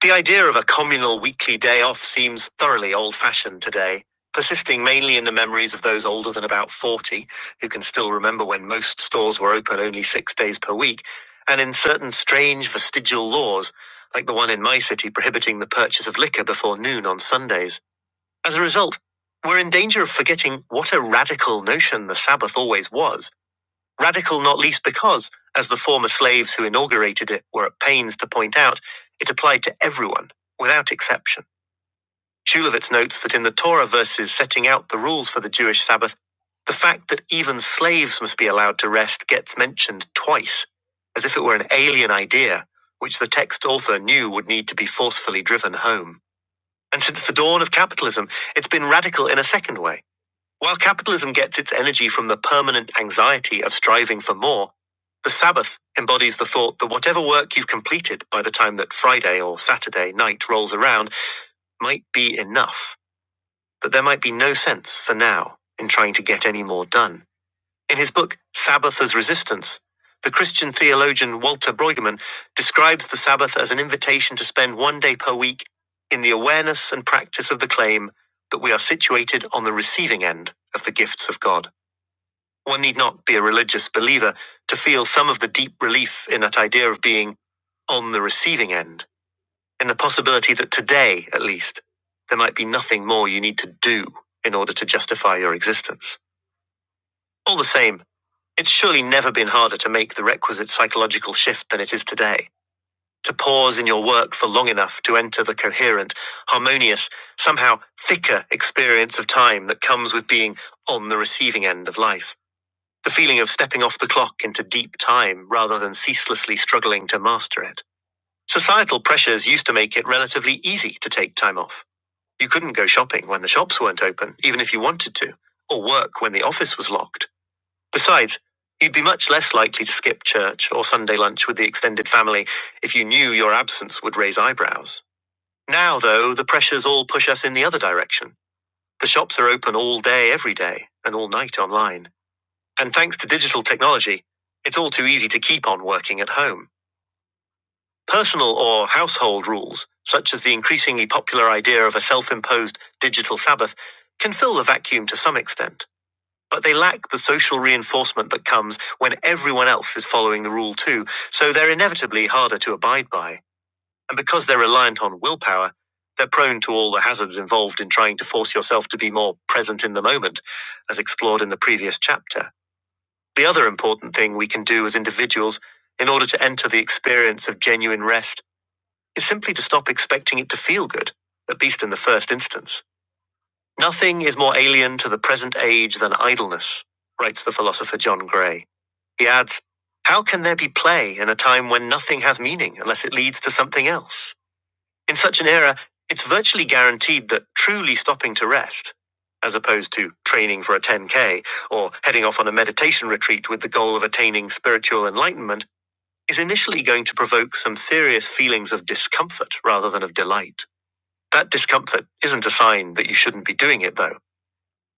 The idea of a communal weekly day off seems thoroughly old fashioned today, persisting mainly in the memories of those older than about 40 who can still remember when most stores were open only six days per week, and in certain strange vestigial laws, like the one in my city prohibiting the purchase of liquor before noon on Sundays. As a result, we're in danger of forgetting what a radical notion the Sabbath always was. Radical not least because, as the former slaves who inaugurated it were at pains to point out, it applied to everyone, without exception. Shulevitz notes that in the Torah verses setting out the rules for the Jewish Sabbath, the fact that even slaves must be allowed to rest gets mentioned twice, as if it were an alien idea, which the text author knew would need to be forcefully driven home. And since the dawn of capitalism, it's been radical in a second way. While capitalism gets its energy from the permanent anxiety of striving for more, the Sabbath embodies the thought that whatever work you've completed by the time that Friday or Saturday night rolls around might be enough, that there might be no sense for now in trying to get any more done. In his book, Sabbath as Resistance, the Christian theologian Walter Brueggemann describes the Sabbath as an invitation to spend one day per week in the awareness and practice of the claim that we are situated on the receiving end of the gifts of God. One need not be a religious believer to feel some of the deep relief in that idea of being on the receiving end, in the possibility that today, at least, there might be nothing more you need to do in order to justify your existence. All the same, it's surely never been harder to make the requisite psychological shift than it is today. To pause in your work for long enough to enter the coherent, harmonious, somehow thicker experience of time that comes with being on the receiving end of life. The feeling of stepping off the clock into deep time rather than ceaselessly struggling to master it. Societal pressures used to make it relatively easy to take time off. You couldn't go shopping when the shops weren't open, even if you wanted to, or work when the office was locked. Besides, you'd be much less likely to skip church or Sunday lunch with the extended family if you knew your absence would raise eyebrows. Now, though, the pressures all push us in the other direction. The shops are open all day, every day, and all night online. And thanks to digital technology, it's all too easy to keep on working at home. Personal or household rules, such as the increasingly popular idea of a self imposed digital Sabbath, can fill the vacuum to some extent. But they lack the social reinforcement that comes when everyone else is following the rule too, so they're inevitably harder to abide by. And because they're reliant on willpower, they're prone to all the hazards involved in trying to force yourself to be more present in the moment, as explored in the previous chapter. The other important thing we can do as individuals in order to enter the experience of genuine rest is simply to stop expecting it to feel good, at least in the first instance. Nothing is more alien to the present age than idleness, writes the philosopher John Gray. He adds, How can there be play in a time when nothing has meaning unless it leads to something else? In such an era, it's virtually guaranteed that truly stopping to rest, as opposed to training for a 10K or heading off on a meditation retreat with the goal of attaining spiritual enlightenment, is initially going to provoke some serious feelings of discomfort rather than of delight. That discomfort isn't a sign that you shouldn't be doing it, though.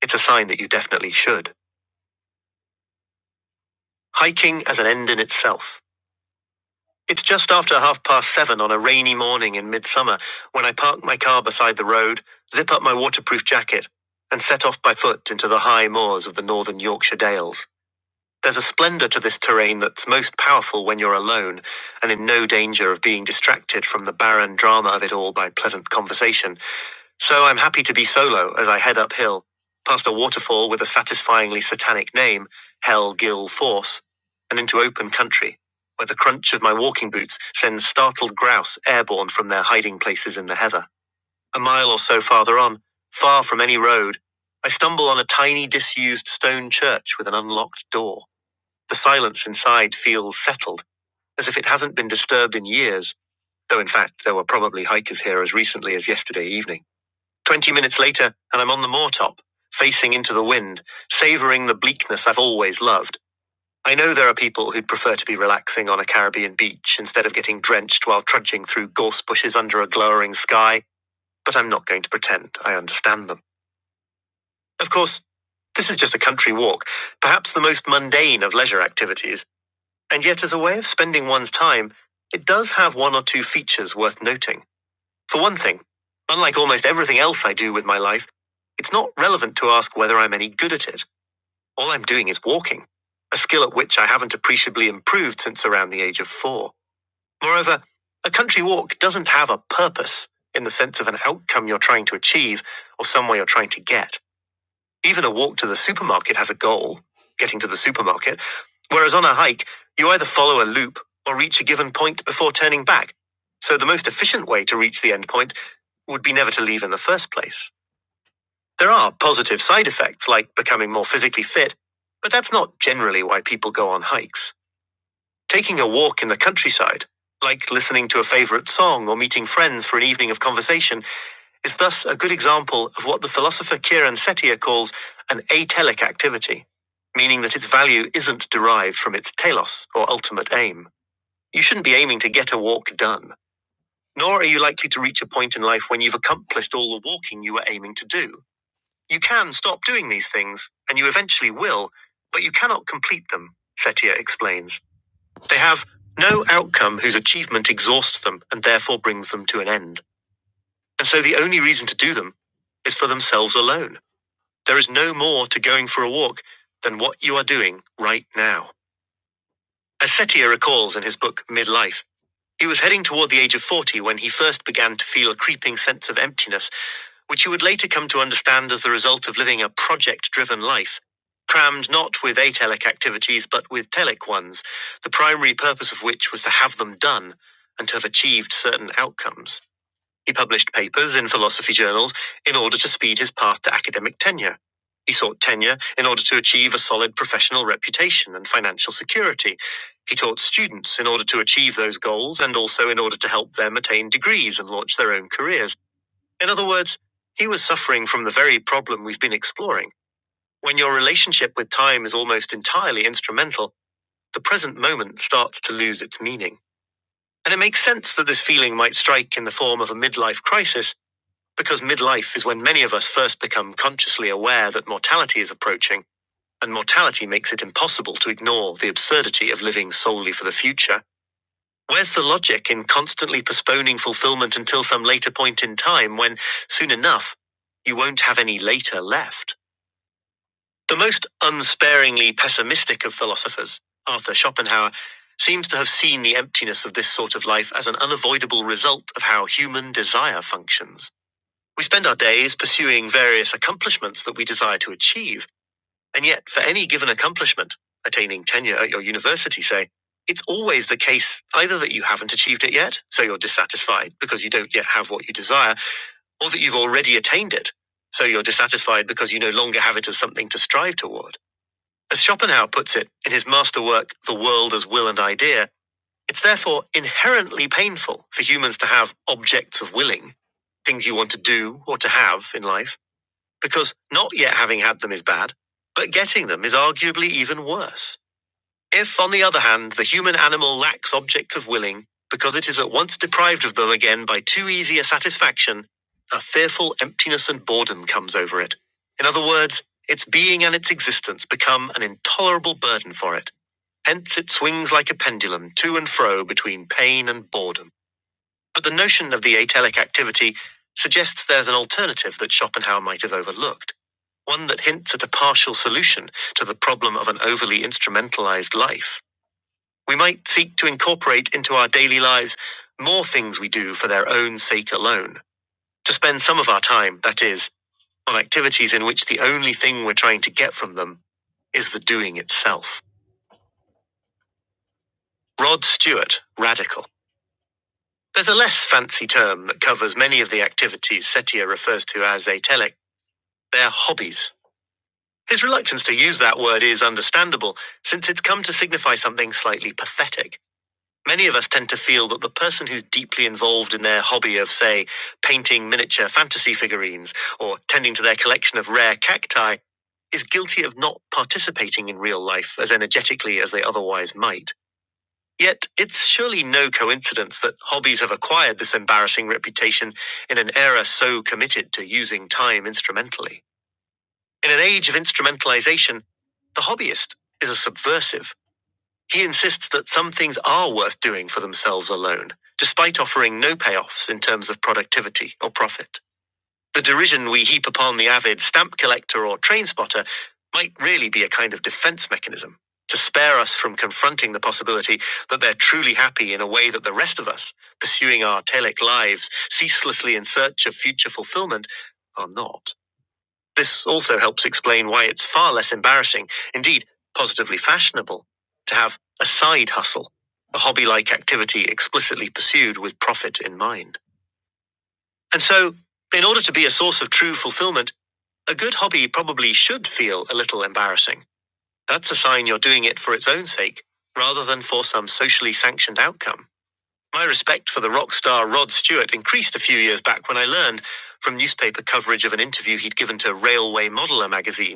It's a sign that you definitely should. Hiking as an end in itself. It's just after half past seven on a rainy morning in midsummer when I park my car beside the road, zip up my waterproof jacket, and set off by foot into the high moors of the northern Yorkshire Dales. There's a splendour to this terrain that's most powerful when you're alone and in no danger of being distracted from the barren drama of it all by pleasant conversation So I'm happy to be solo as I head uphill, past a waterfall with a satisfyingly satanic name, Hell Gill Force, and into open country, where the crunch of my walking boots sends startled grouse airborne from their hiding places in the heather. A mile or so farther on, far from any road, I stumble on a tiny disused stone church with an unlocked door. The silence inside feels settled, as if it hasn't been disturbed in years, though in fact there were probably hikers here as recently as yesterday evening. Twenty minutes later, and I'm on the moortop, facing into the wind, savoring the bleakness I've always loved. I know there are people who'd prefer to be relaxing on a Caribbean beach instead of getting drenched while trudging through gorse bushes under a glowering sky, but I'm not going to pretend I understand them. Of course, this is just a country walk, perhaps the most mundane of leisure activities, and yet as a way of spending one's time, it does have one or two features worth noting. For one thing, unlike almost everything else I do with my life, it's not relevant to ask whether I'm any good at it. All I'm doing is walking, a skill at which I haven't appreciably improved since around the age of four. Moreover, a country walk doesn't have a purpose in the sense of an outcome you're trying to achieve or somewhere you're trying to get. Even a walk to the supermarket has a goal getting to the supermarket. Whereas on a hike, you either follow a loop or reach a given point before turning back. So the most efficient way to reach the end point would be never to leave in the first place. There are positive side effects like becoming more physically fit, but that's not generally why people go on hikes. Taking a walk in the countryside, like listening to a favorite song or meeting friends for an evening of conversation, is thus a good example of what the philosopher Kiran Setia calls an atelic activity, meaning that its value isn't derived from its telos or ultimate aim. You shouldn't be aiming to get a walk done, nor are you likely to reach a point in life when you've accomplished all the walking you were aiming to do. You can stop doing these things, and you eventually will, but you cannot complete them, Setia explains. They have no outcome whose achievement exhausts them and therefore brings them to an end. And so the only reason to do them is for themselves alone. There is no more to going for a walk than what you are doing right now. As Setia recalls in his book Midlife, he was heading toward the age of 40 when he first began to feel a creeping sense of emptiness, which he would later come to understand as the result of living a project driven life, crammed not with atelic activities but with telic ones, the primary purpose of which was to have them done and to have achieved certain outcomes. He published papers in philosophy journals in order to speed his path to academic tenure. He sought tenure in order to achieve a solid professional reputation and financial security. He taught students in order to achieve those goals and also in order to help them attain degrees and launch their own careers. In other words, he was suffering from the very problem we've been exploring. When your relationship with time is almost entirely instrumental, the present moment starts to lose its meaning. And it makes sense that this feeling might strike in the form of a midlife crisis because midlife is when many of us first become consciously aware that mortality is approaching, and mortality makes it impossible to ignore the absurdity of living solely for the future. Where's the logic in constantly postponing fulfillment until some later point in time when, soon enough, you won't have any later left? The most unsparingly pessimistic of philosophers, Arthur Schopenhauer, seems to have seen the emptiness of this sort of life as an unavoidable result of how human desire functions. We spend our days pursuing various accomplishments that we desire to achieve, and yet for any given accomplishment, attaining tenure at your university, say, it's always the case either that you haven't achieved it yet, so you're dissatisfied because you don't yet have what you desire, or that you've already attained it, so you're dissatisfied because you no longer have it as something to strive toward. As Schopenhauer puts it in his masterwork, The World as Will and Idea, it's therefore inherently painful for humans to have objects of willing, things you want to do or to have in life because not yet having had them is bad, but getting them is arguably even worse. If, on the other hand, the human animal lacks objects of willing, because it is at once deprived of them again by too easy a satisfaction, a fearful emptiness and boredom comes over it. In other words, its being and its existence become an intolerable burden for it. Hence it swings like a pendulum to and fro between pain and boredom. But the notion of the atelic activity suggests there's an alternative that Schopenhauer might have overlooked, one that hints at a partial solution to the problem of an overly instrumentalized life. We might seek to incorporate into our daily lives more things we do for their own sake alone, to spend some of our time, that is, on activities in which the only thing we're trying to get from them is the doing itself. Rod Stewart, radical. There's a less fancy term that covers many of the activities Setia refers to as atelic Their hobbies. His reluctance to use that word is understandable, since it's come to signify something slightly pathetic. Many of us tend to feel that the person who's deeply involved in their hobby of, say, painting miniature fantasy figurines or tending to their collection of rare cacti is guilty of not participating in real life as energetically as they otherwise might. Yet, it's surely no coincidence that hobbies have acquired this embarrassing reputation in an era so committed to using time instrumentally. In an age of instrumentalization, the hobbyist is a subversive. He insists that some things are worth doing for themselves alone, despite offering no payoffs in terms of productivity or profit. The derision we heap upon the avid stamp collector or train spotter might really be a kind of defense mechanism to spare us from confronting the possibility that they're truly happy in a way that the rest of us, pursuing our telic lives, ceaselessly in search of future fulfillment, are not. This also helps explain why it's far less embarrassing, indeed, positively fashionable, to have a side hustle, a hobby like activity explicitly pursued with profit in mind. And so, in order to be a source of true fulfillment, a good hobby probably should feel a little embarrassing. That's a sign you're doing it for its own sake, rather than for some socially sanctioned outcome. My respect for the rock star Rod Stewart increased a few years back when I learned from newspaper coverage of an interview he'd given to Railway Modeler magazine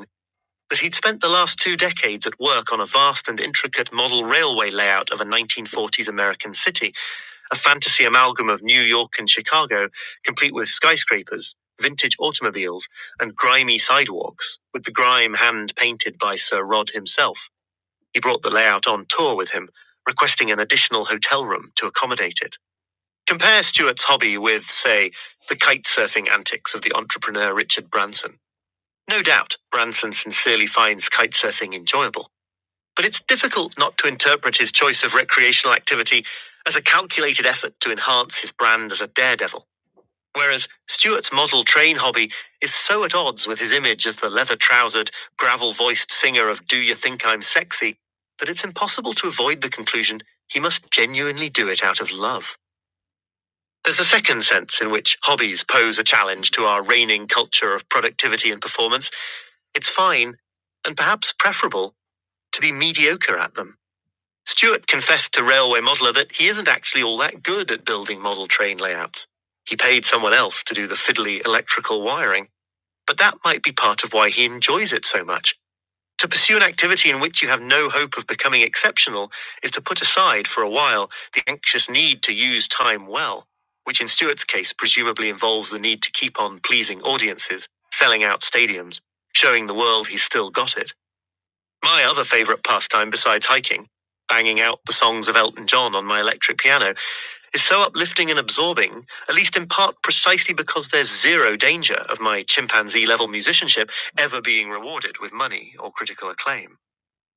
that he'd spent the last two decades at work on a vast and intricate model railway layout of a 1940s American city, a fantasy amalgam of New York and Chicago, complete with skyscrapers, vintage automobiles, and grimy sidewalks, with the grime hand painted by Sir Rod himself. He brought the layout on tour with him, requesting an additional hotel room to accommodate it. Compare Stuart's hobby with, say, the kite surfing antics of the entrepreneur Richard Branson. No doubt, Branson sincerely finds kitesurfing enjoyable, but it's difficult not to interpret his choice of recreational activity as a calculated effort to enhance his brand as a daredevil. Whereas Stewart's model train hobby is so at odds with his image as the leather trousered, gravel voiced singer of Do You Think I'm Sexy that it's impossible to avoid the conclusion he must genuinely do it out of love. There's a second sense in which hobbies pose a challenge to our reigning culture of productivity and performance it's fine, and perhaps preferable, to be mediocre at them. Stewart confessed to Railway Modeler that he isn't actually all that good at building model train layouts. He paid someone else to do the fiddly electrical wiring, but that might be part of why he enjoys it so much. To pursue an activity in which you have no hope of becoming exceptional is to put aside for a while the anxious need to use time well, which in Stewart's case presumably involves the need to keep on pleasing audiences, selling out stadiums, showing the world he's still got it. My other favorite pastime besides hiking, banging out the songs of Elton John on my electric piano, is so uplifting and absorbing, at least in part precisely because there's zero danger of my chimpanzee level musicianship ever being rewarded with money or critical acclaim.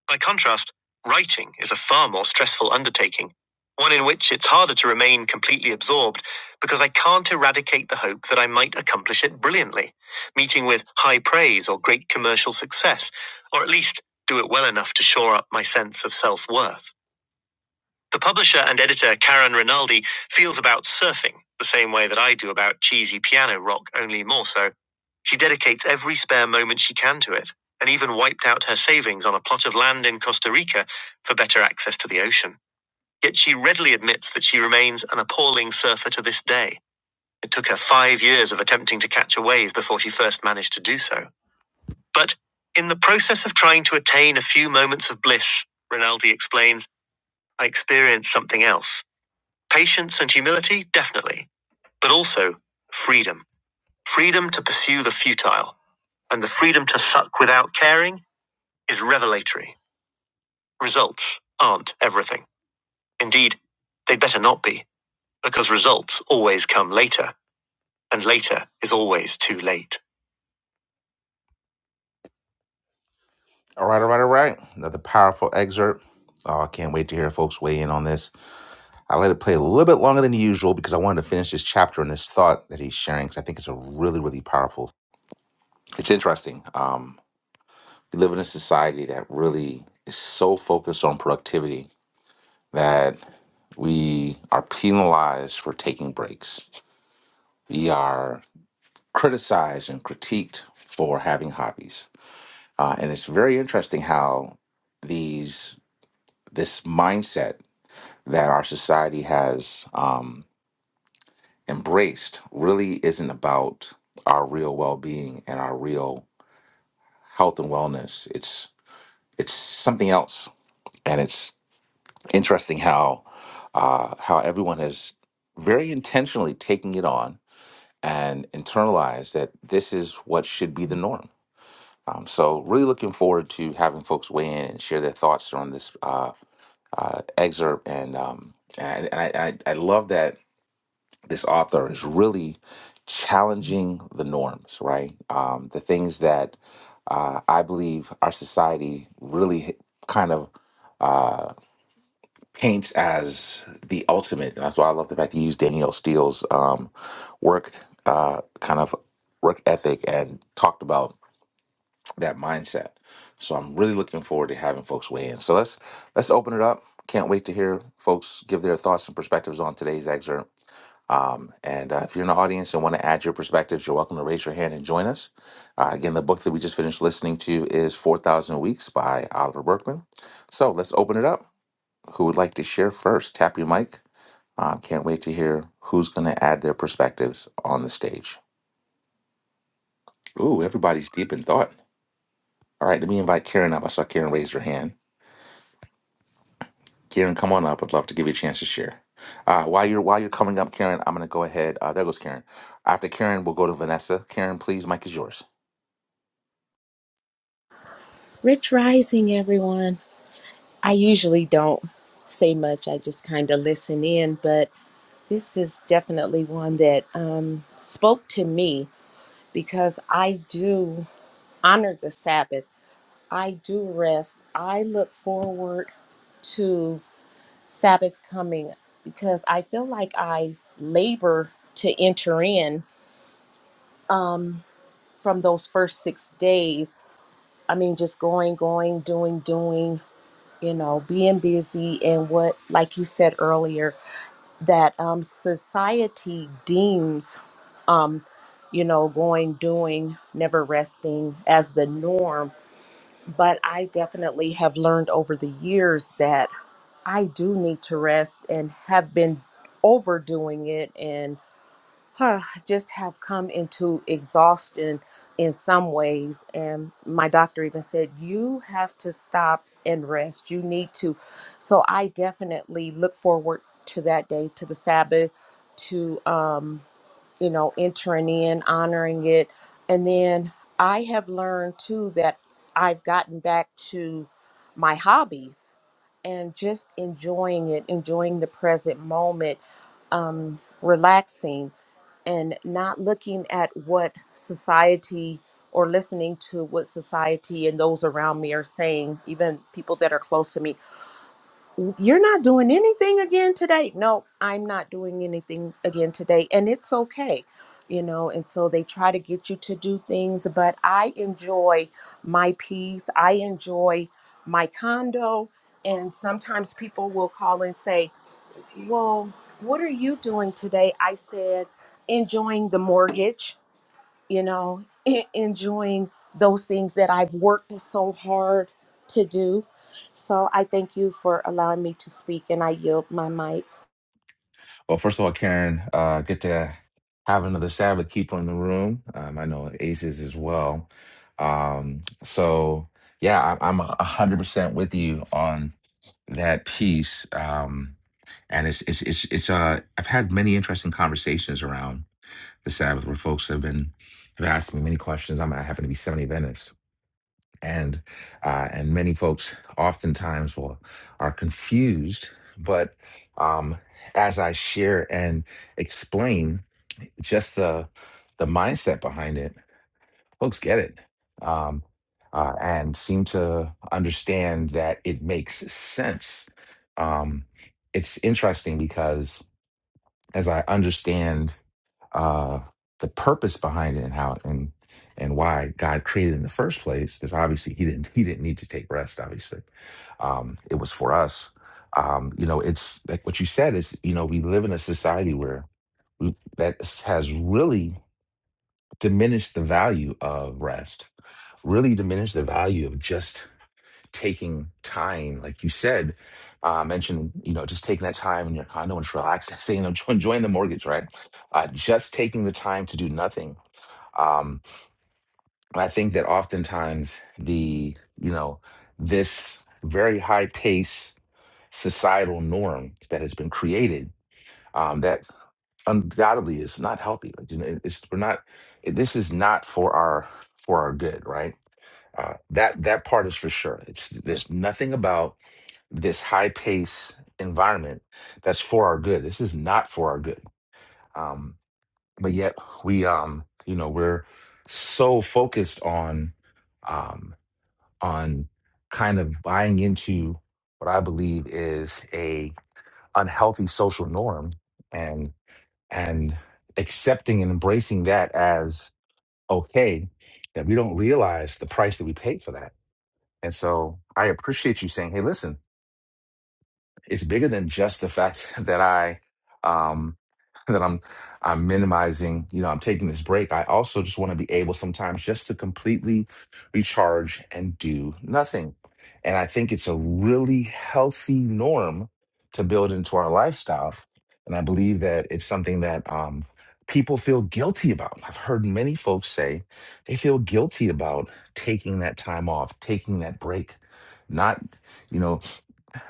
By contrast, writing is a far more stressful undertaking, one in which it's harder to remain completely absorbed because I can't eradicate the hope that I might accomplish it brilliantly, meeting with high praise or great commercial success, or at least do it well enough to shore up my sense of self worth. The publisher and editor Karen Rinaldi feels about surfing the same way that I do about cheesy piano rock, only more so. She dedicates every spare moment she can to it, and even wiped out her savings on a plot of land in Costa Rica for better access to the ocean. Yet she readily admits that she remains an appalling surfer to this day. It took her five years of attempting to catch a wave before she first managed to do so. But in the process of trying to attain a few moments of bliss, Rinaldi explains, I experienced something else Patience and humility, definitely, but also freedom. Freedom to pursue the futile and the freedom to suck without caring is revelatory. Results aren't everything. Indeed, they'd better not be, because results always come later, and later is always too late. All right, all right, all right. Another powerful excerpt. Oh, I can't wait to hear folks weigh in on this. I let it play a little bit longer than usual because I wanted to finish this chapter and this thought that he's sharing because I think it's a really, really powerful. It's interesting. Um, We live in a society that really is so focused on productivity that we are penalized for taking breaks. We are criticized and critiqued for having hobbies. Uh, and it's very interesting how these this mindset that our society has um, embraced really isn't about our real well-being and our real health and wellness. It's it's something else, and it's interesting how uh, how everyone has very intentionally taken it on and internalized that this is what should be the norm. Um, so, really looking forward to having folks weigh in and share their thoughts on this uh, uh, excerpt. And, um, and and I, I, I love that this author is really challenging the norms, right? Um, the things that uh, I believe our society really kind of uh, paints as the ultimate. And that's why I love the fact you use Danielle Steele's um, work uh, kind of work ethic and talked about that mindset. So I'm really looking forward to having folks weigh in. So let's let's open it up. Can't wait to hear folks give their thoughts and perspectives on today's excerpt. Um, and uh, if you're in the audience and want to add your perspectives, you're welcome to raise your hand and join us. Uh, again, the book that we just finished listening to is 4,000 Weeks by Oliver Berkman. So let's open it up who would like to share first? Tap your mic. Uh, can't wait to hear who's going to add their perspectives on the stage. Ooh, everybody's deep in thought. All right, let me invite Karen up. I saw Karen raise her hand. Karen, come on up. I'd love to give you a chance to share. Uh, while you're while you're coming up, Karen, I'm going to go ahead. Uh, there goes Karen. After Karen, we'll go to Vanessa. Karen, please, mic is yours.
Rich Rising, everyone. I usually don't say much, I just kind of listen in, but this is definitely one that um, spoke to me because I do honor the Sabbath. I do rest. I look forward to Sabbath coming because I feel like I labor to enter in from those first six days. I mean, just going, going, doing, doing. you know, being busy and what, like you said earlier, that um, society deems, um, you know, going, doing, never resting as the norm. But I definitely have learned over the years that I do need to rest and have been overdoing it. and huh, just have come into exhaustion in some ways. And my doctor even said, you have to stop and rest. You need to. So I definitely look forward to that day, to the Sabbath, to, um, you know, entering in, honoring it. And then I have learned too that I've gotten back to my hobbies and just enjoying it, enjoying the present moment um, relaxing and not looking at what society or listening to what society and those around me are saying, even people that are close to me, you're not doing anything again today. No, I'm not doing anything again today. And it's okay, you know. And so they try to get you to do things, but I enjoy my peace. I enjoy my condo. And sometimes people will call and say, well, what are you doing today? I said, enjoying the mortgage, you know, en- enjoying those things that I've worked so hard to do. So I thank you for allowing me to speak and I yield my mic.
Well, first of all, Karen, uh, good to have another Sabbath keeper in the room. Um, I know Ace is as well. Um, so yeah, I, I'm a hundred percent with you on that piece um and it's it's it's it's uh i've had many interesting conversations around the sabbath where folks have been have asked me many questions i'm i happen to be 70 adventist and uh and many folks oftentimes will are confused but um as i share and explain just the the mindset behind it folks get it um, uh, and seem to understand that it makes sense. Um, it's interesting because as I understand uh, the purpose behind it and how and and why God created it in the first place, because obviously He didn't He didn't need to take rest. Obviously, um, it was for us. Um, you know, it's like what you said is you know we live in a society where we, that has really diminished the value of rest really diminish the value of just taking time, like you said, uh, mentioned, you know, just taking that time in your condo and just relaxing, [laughs] am enjoying the mortgage, right? Uh, just taking the time to do nothing. Um, and I think that oftentimes the, you know, this very high pace societal norm that has been created um, that undoubtedly is not healthy. Like, you know, it's, we're not, this is not for our, for our good, right? Uh, that that part is for sure. It's there's nothing about this high pace environment that's for our good. This is not for our good. Um, but yet we um you know we're so focused on um on kind of buying into what I believe is a unhealthy social norm and and accepting and embracing that as okay that we don't realize the price that we pay for that and so I appreciate you saying, hey, listen, it's bigger than just the fact [laughs] that I um that I'm I'm minimizing, you know, I'm taking this break. I also just want to be able sometimes just to completely recharge and do nothing. And I think it's a really healthy norm to build into our lifestyle. And I believe that it's something that um people feel guilty about. I've heard many folks say they feel guilty about taking that time off, taking that break, not, you know,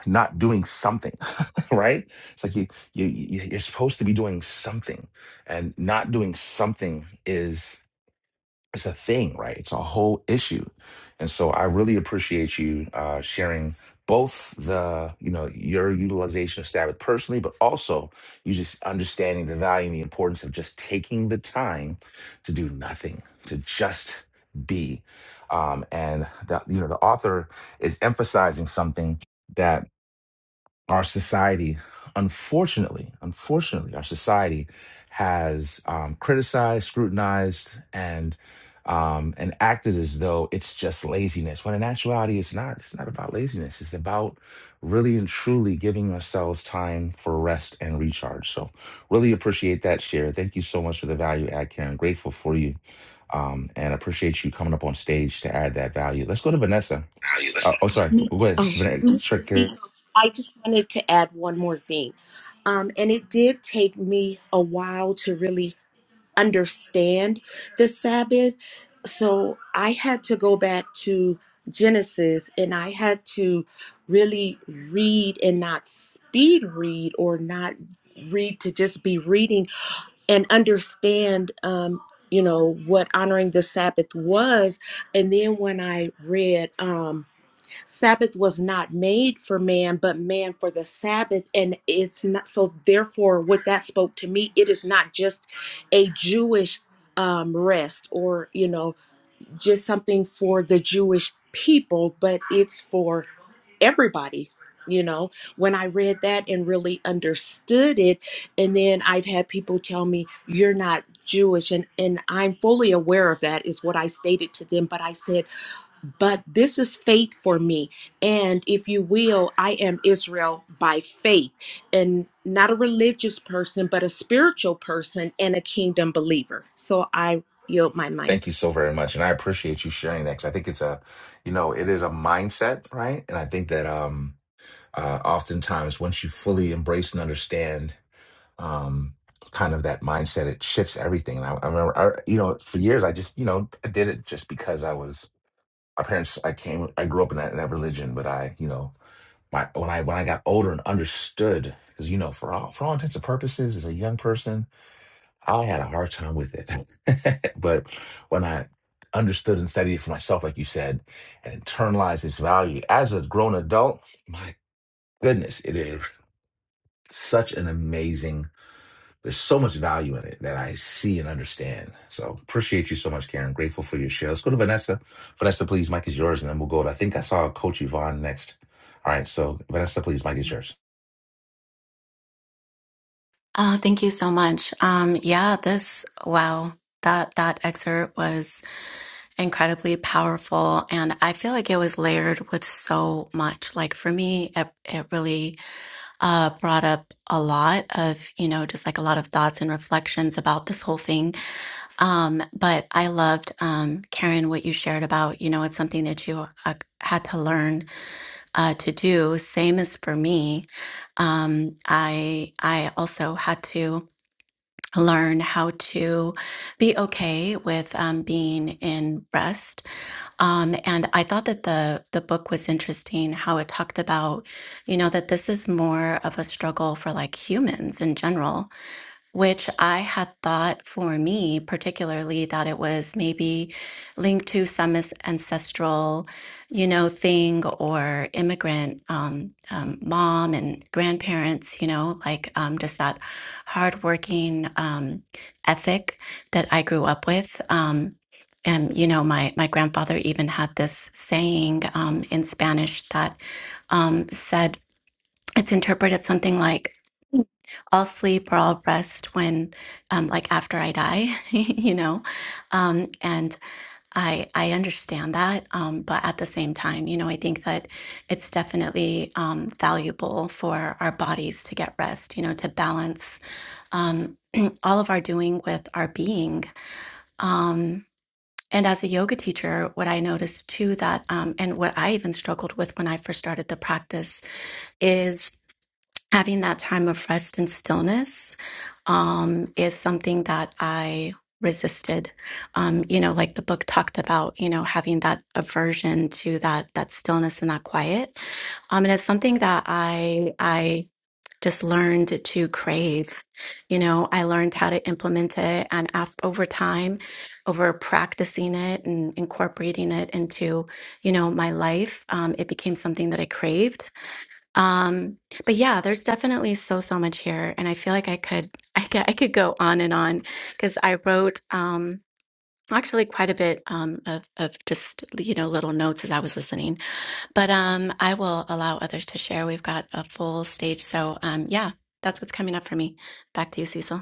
not doing something. [laughs] right? It's like you you you- you're supposed to be doing something, and not doing something is it's a thing, right? It's a whole issue, and so I really appreciate you uh, sharing both the you know your utilization of Sabbath personally, but also you just understanding the value and the importance of just taking the time to do nothing, to just be, um, and that you know the author is emphasizing something that our society, unfortunately, unfortunately, our society has um, criticized, scrutinized, and um, and acted as though it's just laziness. When in actuality, it's not. It's not about laziness. It's about really and truly giving ourselves time for rest and recharge. So, really appreciate that share. Thank you so much for the value add, Karen. Grateful for you. Um, and appreciate you coming up on stage to add that value. Let's go to Vanessa.
How you
Uh, oh, sorry.
listening?
Go ahead. It's
Oh,
Vanessa. Sure,
Mr.
Karen.
Cecil, I just wanted to add one more thing. Um, and it did take me a while to really understand the Sabbath. So I had to go back to Genesis and I had to really read and not speed read or not read to just be reading and understand, um, you know, what honoring the Sabbath was. And then when I read, um, Sabbath was not made for man, but man for the Sabbath. And it's not so, therefore, what that spoke to me, it is not just a Jewish um, rest or, you know, just something for the Jewish people, but it's for everybody. You know, when I read that and really understood it, and then I've had people tell me, You're not Jewish. And, and I'm fully aware of that, is what I stated to them. But I said, but this is faith for me. And if you will, I am Israel by faith and not a religious person, but a spiritual person and a kingdom believer. So I yield my mic.
Thank you so very much, and I appreciate you sharing that because I think it's a, you know, it is a mindset, right? And I think that um, uh, oftentimes once you fully embrace and understand um, kind of that mindset, it shifts everything. And I, I remember, I, you know, for years I just, you know, I did it just because I was my parents. I came, I grew up in that, in that religion, but I, you know, my when I when I got older and understood, because you know, for all for all intents and purposes, as a young person I had a hard time with it. [laughs] but when I understood and studied it for myself, like you said, and internalized its value as a grown adult, my goodness, it is such an amazing, there's so much value in it that I see and understand. So appreciate you so much, Karen. Grateful for your share. Let's go to Vanessa. Vanessa, please, Mike is yours, and then we'll go to, I think I saw Coach Yvonne next. All right, so Vanessa, please, Mike is yours.
Oh, thank you so much. Um, yeah, this, wow, that that excerpt was incredibly powerful, and I feel like it was layered with so much. Like for me, it it really. uh, brought up a lot of, you know, just like a lot of thoughts and reflections about this whole thing. Um, but I loved, um, Karen, what you shared about, you know, it's something that you uh, had to learn uh, to do. Same as for me. Um, I, I also had to learn how to be okay with um, being in rest. Um, and I thought that the the book was interesting how it talked about, you know, that this is more of a struggle for like humans in general which I had thought for me, particularly, that it was maybe linked to some as- ancestral, you know, thing or immigrant um, um, mom and grandparents, you know, like um, just that hardworking um, ethic that I grew up with. Um, and you know, my my grandfather even had this saying um, in Spanish that um, said it's interpreted something like I'll sleep or I'll rest when, um, like after I die, [laughs] you know, um, and I I understand that, um, but at the same time, you know, I think that it's definitely um, valuable for our bodies to get rest, you know, to balance um, [clears throat] all of our doing with our being. Um, and as a yoga teacher, what I noticed too that, um, and what I even struggled with when I first started the practice is having that time of rest and stillness um, is something that I resisted. Um, you know, like the book talked about, you know, having that aversion to that that stillness and that quiet. Um, and it's something that I I just learned to crave. You know, I learned how to implement it, and af- over time, over practicing it and incorporating it into you know my life, um, it became something that I craved um, but yeah, there's definitely so so much here, and I feel like I could [laughs] I could, I could go on and on because I wrote um, actually quite a bit um, of of just you know little notes as I was listening. But um, I will allow others to share. We've got a full stage, so um, yeah, that's what's coming up for me. Back to you, Cecil.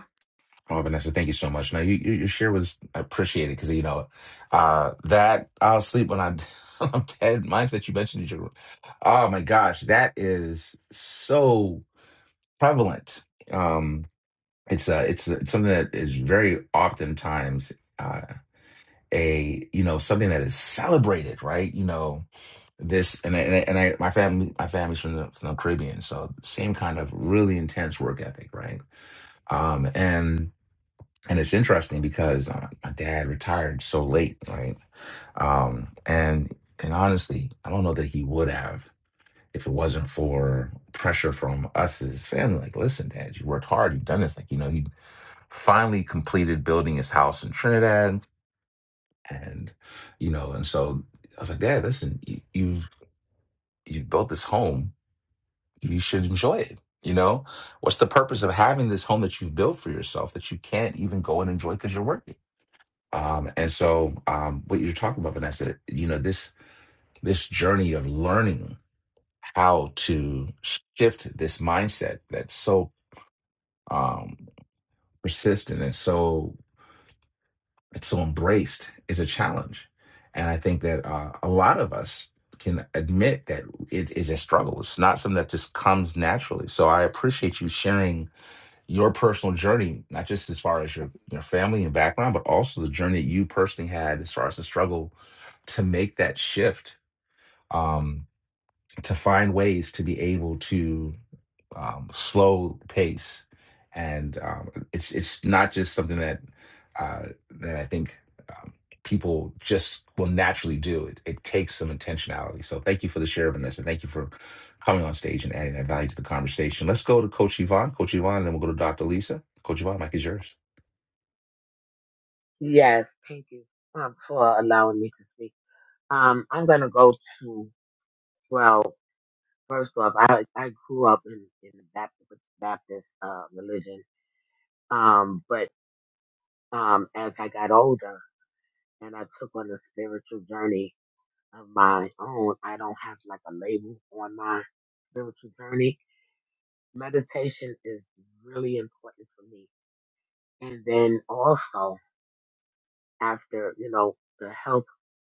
Oh, Vanessa, thank you so much. No, you, you your share was appreciated because you know uh, that I'll sleep when I [laughs] when I'm dead mindset you mentioned. in your- Oh my gosh, that is so prevalent. Um, it's uh, it's it's something that is very oftentimes uh, a you know something that is celebrated, right? You know this, and I, and I, and I my family my family's from the from the Caribbean, so same kind of really intense work ethic, right? Um, and and it's interesting because uh, my dad retired so late, right? Um, and and honestly, I don't know that he would have if it wasn't for pressure from us as his family. Like, listen, Dad, you worked hard, you've done this. Like, you know, he finally completed building his house in Trinidad, and you know, and so I was like, Dad, listen, you, you've you've built this home, you should enjoy it. You know, what's the purpose of having this home that you've built for yourself that you can't even go and enjoy because you're working? Um, and so, um, what you're talking about, Vanessa, you know, this this journey of learning how to shift this mindset that's so um, persistent and so it's so embraced is a challenge. And I think that uh, a lot of us can admit that it is a struggle. It's not something that just comes naturally. So I appreciate you sharing your personal journey, not just as far as your your family and background, but also the journey that you personally had as far as the struggle to make that shift, um, to find ways to be able to um, slow pace, and um, it's it's not just something that uh, that I think um, people just will naturally do. It, it takes some intentionality. So thank you for the share of Vanessa. Thank you for coming on stage and adding that value to the conversation. Let's go to Coach Yvonne. Coach Yvonne, and then we'll go to Dr. Lisa. Coach Yvonne, Mike is yours.
Yes, thank you um, for allowing me to speak. Um, I'm gonna go to 12. First off, I I grew up in in the Baptist Baptist uh, religion, um, but um, as I got older and I took on a spiritual journey of my own, I don't have like a label on my spiritual journey. Meditation is really important for me, and then also after you know the health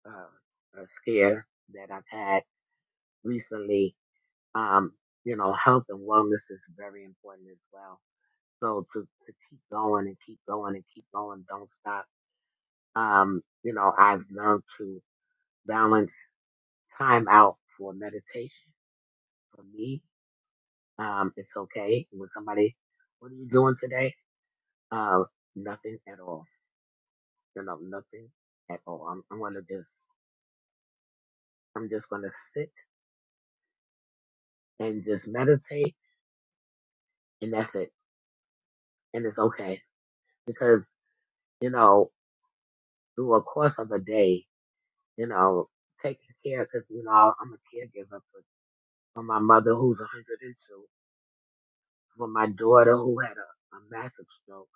uh, uh, scare that I've had recently, um, you know, health and wellness is very important as well So to, to keep going and keep going and keep going, don't stop. Um, you know, I've learned to balance time out for meditation. For me, um, it's okay when somebody, what are you doing today? Uh, nothing at all. You know, nothing at all. I'm, I'm gonna just, I'm just gonna sit and just meditate, and that's it. And it's okay because you know, through a course of a day, you know, taking care because you know I'm a caregiver for my mother who's 102, for my daughter who had a, a massive stroke,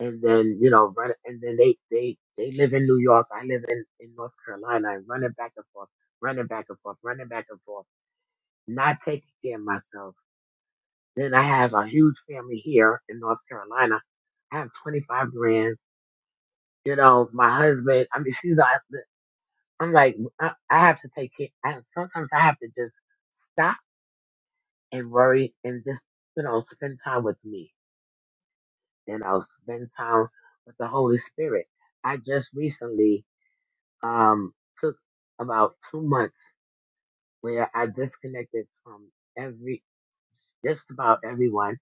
and then you know, run, and then they they they live in New York, I live in in North Carolina, and running back and forth, running back and forth, running back and forth, not taking care of myself. Then I have a huge family here in North Carolina. I have 25 grand. You know, my husband. I mean, she's. like- I'm like, I, I have to take care. I, sometimes I have to just stop and worry and just you know spend time with me Then I'll spend time with the Holy Spirit. I just recently um, took about two months where I disconnected from every, just about everyone.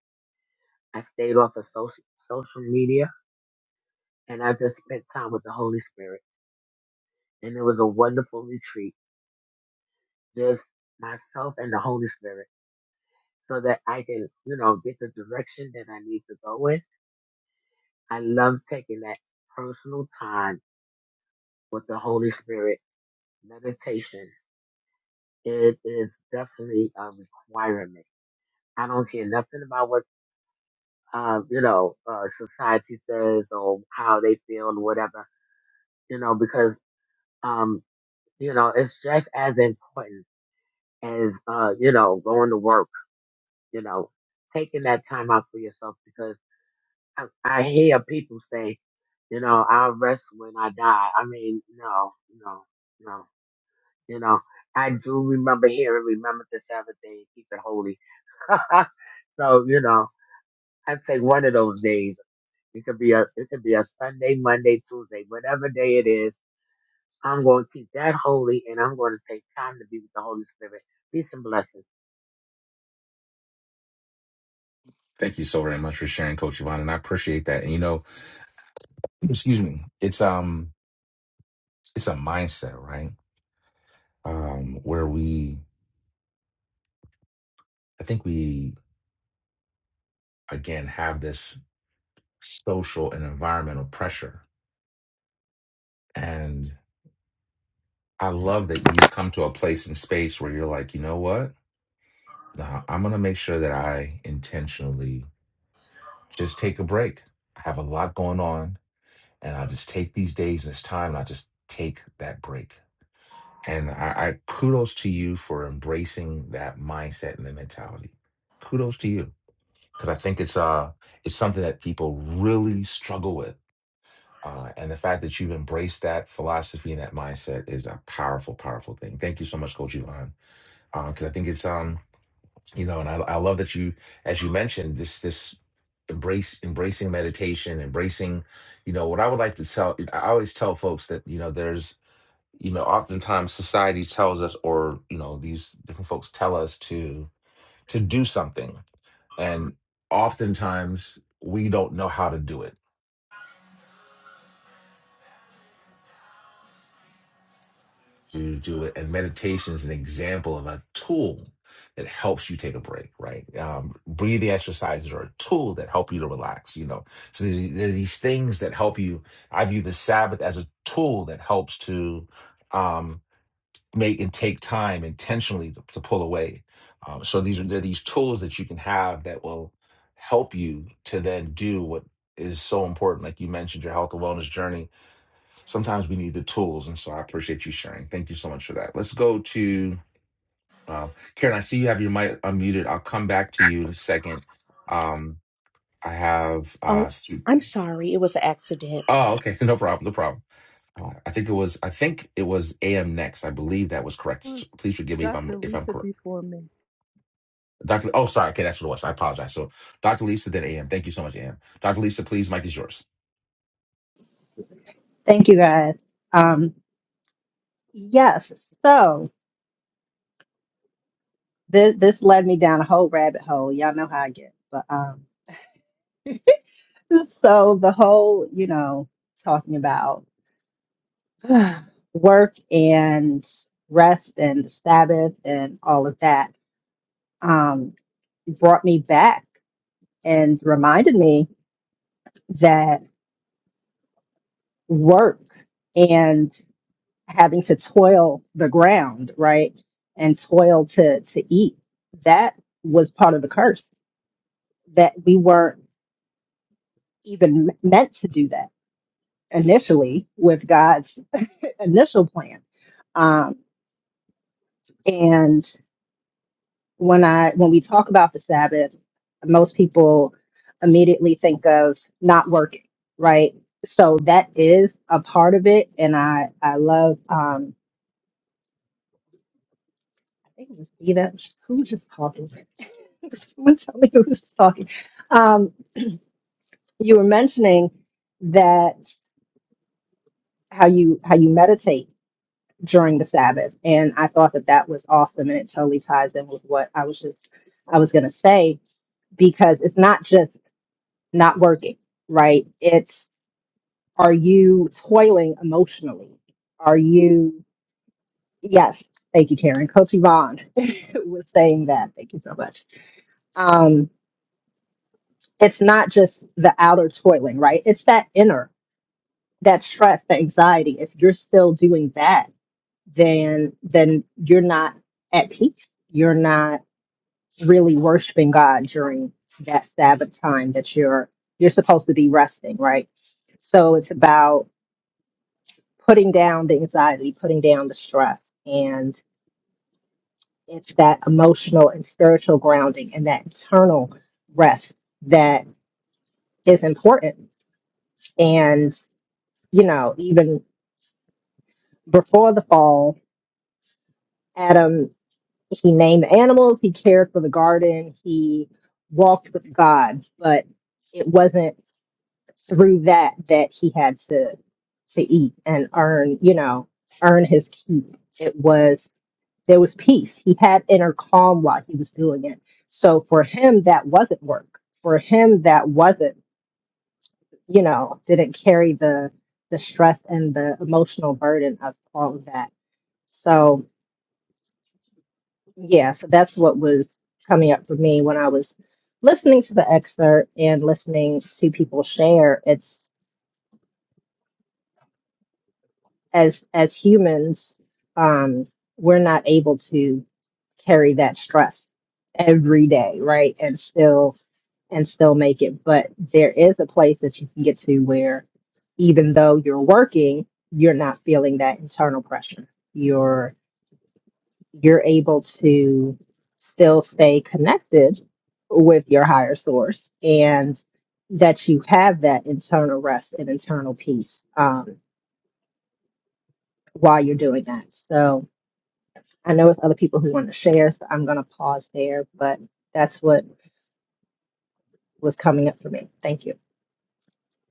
I stayed off of social, social media and I just spent time with the Holy Spirit. And it was a wonderful retreat, just myself and the Holy Spirit, so that I can, you know, get the direction that I need to go in. I love taking that personal time with the Holy Spirit meditation It is definitely a requirement. I don't care nothing about what uh, you know uh, society says or how they feel or whatever. You know because um, you know it's just as important as uh, you know going to work. You know taking that time out for yourself because I, I hear people say, you know, I'll rest when I die. I mean, no, no, no. You know, I do remember hearing, remember the Sabbath day, and keep it holy. [laughs] so you know. I take one of those days. It could be a it could be a Sunday, Monday, Tuesday, whatever day it is. I'm going to keep that holy, and I'm going to take time to be with the Holy Spirit. Peace and blessings.
Thank you so very much for sharing, Coach Yvonne, and I appreciate that. And you know, excuse me, it's um it's a mindset, right? Um, where we I think we again have this. social and environmental pressure. And I love that you've come to a place and space where you're like, you know what? Nah, I'm going to make sure that I intentionally just take a break. I have a lot going on, and I just take these days and this time, and I just take that break. And I, I kudos to you for embracing that mindset and the mentality. Kudos to you because I think it's uh it's something that people really struggle with Uh, and the fact that you've embraced that philosophy and that mindset is a powerful, powerful thing. Thank you so much, Coach Yvonne, because I think it's um, you know, and I, I love that you, as you mentioned, this this embrace embracing meditation, embracing, you know, what I would like to tell. I always tell folks that you know, there's you know, oftentimes society tells us, or you know, these different folks tell us to to do something, and oftentimes we don't know how to do it you do it. And meditation is an example of a tool that helps you take a break, right? Um, breathing exercises are a tool that help you to relax, you know. So there's, there are these things that help you. I view the Sabbath as a tool that helps to um, make and take time intentionally to, to pull away. Um, so these are there are these tools that you can have that will help you to then do what is so important, like you mentioned, your health and wellness journey sometimes we need the tools. And so I appreciate you sharing. Thank you so much for that. Let's go to uh, Karen. I see you have your mic unmuted. I'll come back to you in a second. Um, I have.
Oh,
Uh, Su-
I'm sorry. It was an accident.
oh, okay. [laughs] No problem. No problem. Uh, I think it was. I think it was AM next. I believe that was correct.
it was
So Please forgive me if I'm
Dr.
if I'm
Lisa
correct.
before me.
Doctor. Oh, sorry. Okay, that's what it was. I apologize. So, Doctor Lisa, then AM. Thank you so much, AM. Doctor Lisa, please, mic is yours.
reminded me that work and having to toil the ground, right? And toil to to eat. That was part of the curse that we weren't even m- meant to do that initially with God's initial plan. Um, and when I when we talk about them, and it totally ties in with what I was just I was gonna say because it's not just not working, right? It's Are you toiling emotionally? Are you, yes, thank you, Karen. Coach Yvonne [laughs] was saying that. Thank you so much. Um, it's not just the outer toiling, right? It's that inner, that stress, the anxiety. If you're still doing that, is important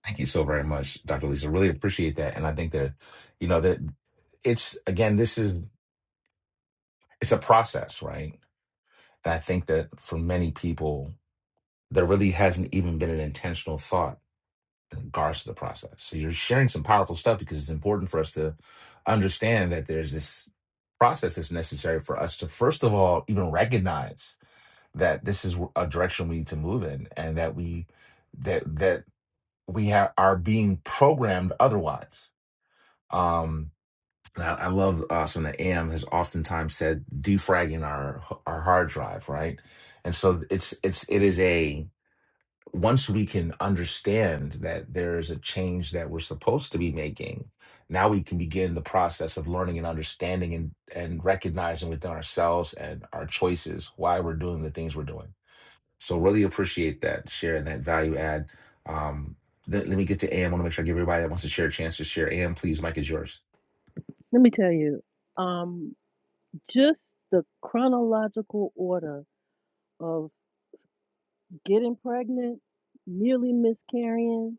Thank you so very much, Doctor Lisa. Really appreciate that, and I think that you know that it's again. This is it's a process, right? And I think that for many people, there really hasn't even been an intentional thought in regards to the process. So you're sharing some powerful stuff because it's important for us to understand that there's this process that's necessary for us to, first of all, even recognize that this is a direction we need to move in and that we that that we ha- are being programmed otherwise. Um, And I, I love us and the AM has oftentimes said defragging our our hard drive, right? And so it's it's it is a once we can understand that there is a change that we're supposed to be making, now we can begin the process of learning and understanding and and recognizing within ourselves and our choices why we're doing the things we're doing. So really appreciate that sharing that value add. Um, let, let me get to AM. I want to make sure I give everybody that wants to share a chance to share. AM, please, Mike is yours.
Let me tell you, um, just the chronological order of getting pregnant, nearly miscarrying,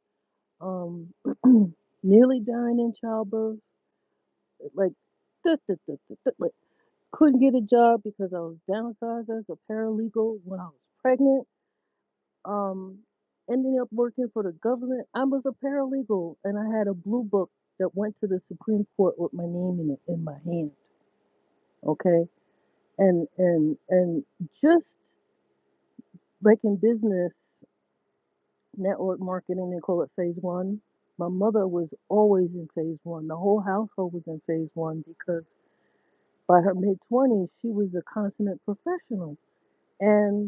um, [clears throat] nearly dying in childbirth, like duh, duh, duh, duh, duh, like Couldn't get a job because I was downsized as a paralegal when I was pregnant. Um, ending up working for the government. I was a paralegal and I had a blue book that went to the Supreme Court with my name in it in my hand. Okay. And and and just like in business, network marketing, they call it phase one. My mother was always in phase one. The whole household was in phase one because by her mid twenties she was a consummate professional. And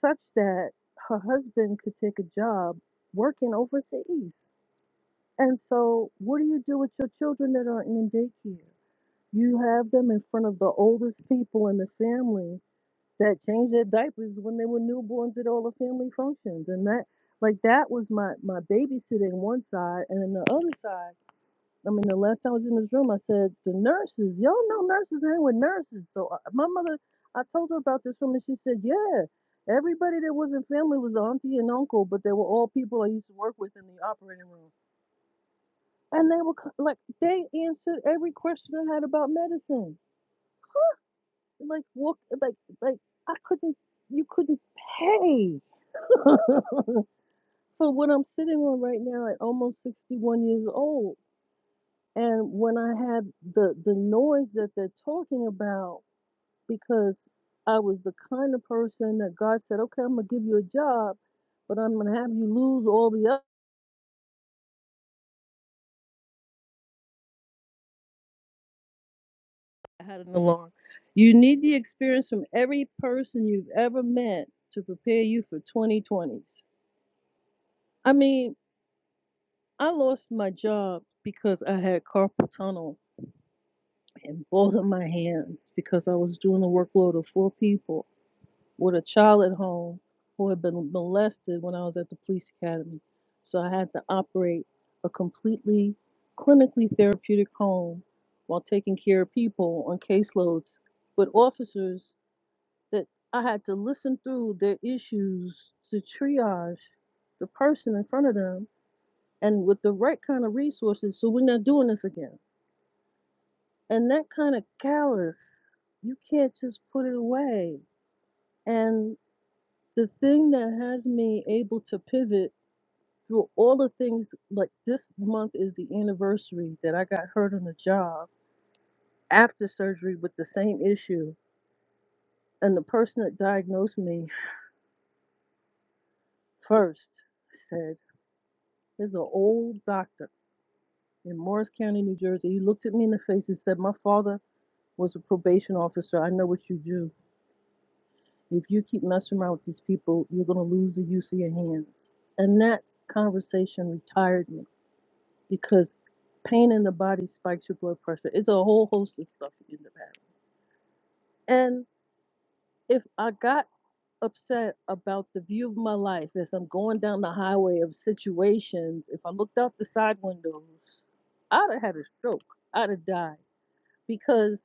such that her husband could take a job working overseas. And so, what do you do with your children that are in daycare? You have them in front of the oldest people in the family that changed their diapers when they were newborns at all the family functions. And that, like, that was my, my babysitting one side. And then the other side, I mean, the last time I was in this room, I said, the nurses, y'all know nurses hang with nurses. So uh, my mother, I told her about this room and she said, yeah, everybody that was in family was auntie and uncle, but they were all people I used to work with in the operating room. And they were co- like, they answered every question I had about medicine. Like, what, like, like, I couldn't, you couldn't pay [laughs] for what I'm sitting on right now at almost 61 years old. And when I had the the noise that they're talking about, because I was the kind of person that God said, "Okay, I'm gonna give you a job, but I'm gonna have you lose all the other." [laughs] I had an alarm. You need the experience from every person you've ever met to prepare you for 2020s. I mean, I lost my job because I had carpal tunnel in both of my hands because I was doing a workload of four people with a child at home who had been molested when I was at the police academy. So I had to operate a completely clinically therapeutic home while taking care of people on caseloads with officers that I had to listen through their issues to triage the person in front of them and with the right kind of resources so we're not doing this again. And that kind of callous, you can't just put it away. and. the thing that has me able to pivot through all the things like this month is the anniversary that I got hurt on the job after surgery with the same issue. And the person that diagnosed me first said, There's an old doctor in Morris County, New Jersey. He looked at me in the face and said, My father was a probation officer. I know what you do. If you keep messing around with these people, you're going to lose the use of your hands. And that conversation retired me because pain in the body spikes your blood pressure. It's a whole host of stuff you end up having. And if I got upset about the view of my life as I'm going down the highway of situations, if I looked out the side windows, I'd have had a stroke. I'd have died because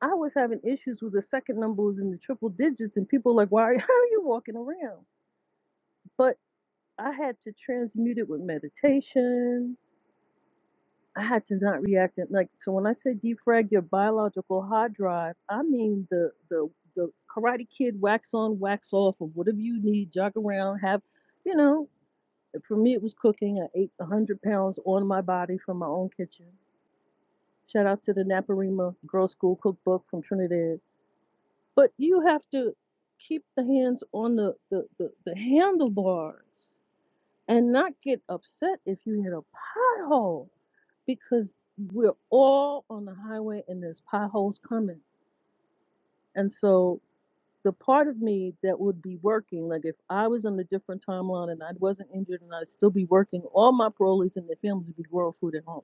I was having issues with the second numbers and the triple digits, and people were like, "Why? [laughs] How are you walking around?" But I had to transmute it with meditation I had to not react and like so when I say defrag your biological hard drive, I mean the the the karate kid wax on, wax off of whatever you need, jog around, have you know, for me it was cooking. I ate a hundred pounds on my body from my own kitchen. Shout out to the Naparima Girls School cookbook from Trinidad. But you have to keep the hands on the the, the, the handlebars and not get upset if you hit a pothole because we're all on the highway and there's potholes coming. And so the part of me that would be working, like if I was on a different timeline and I wasn't injured and I'd still be working, all my parolees and their families would be growing food at home.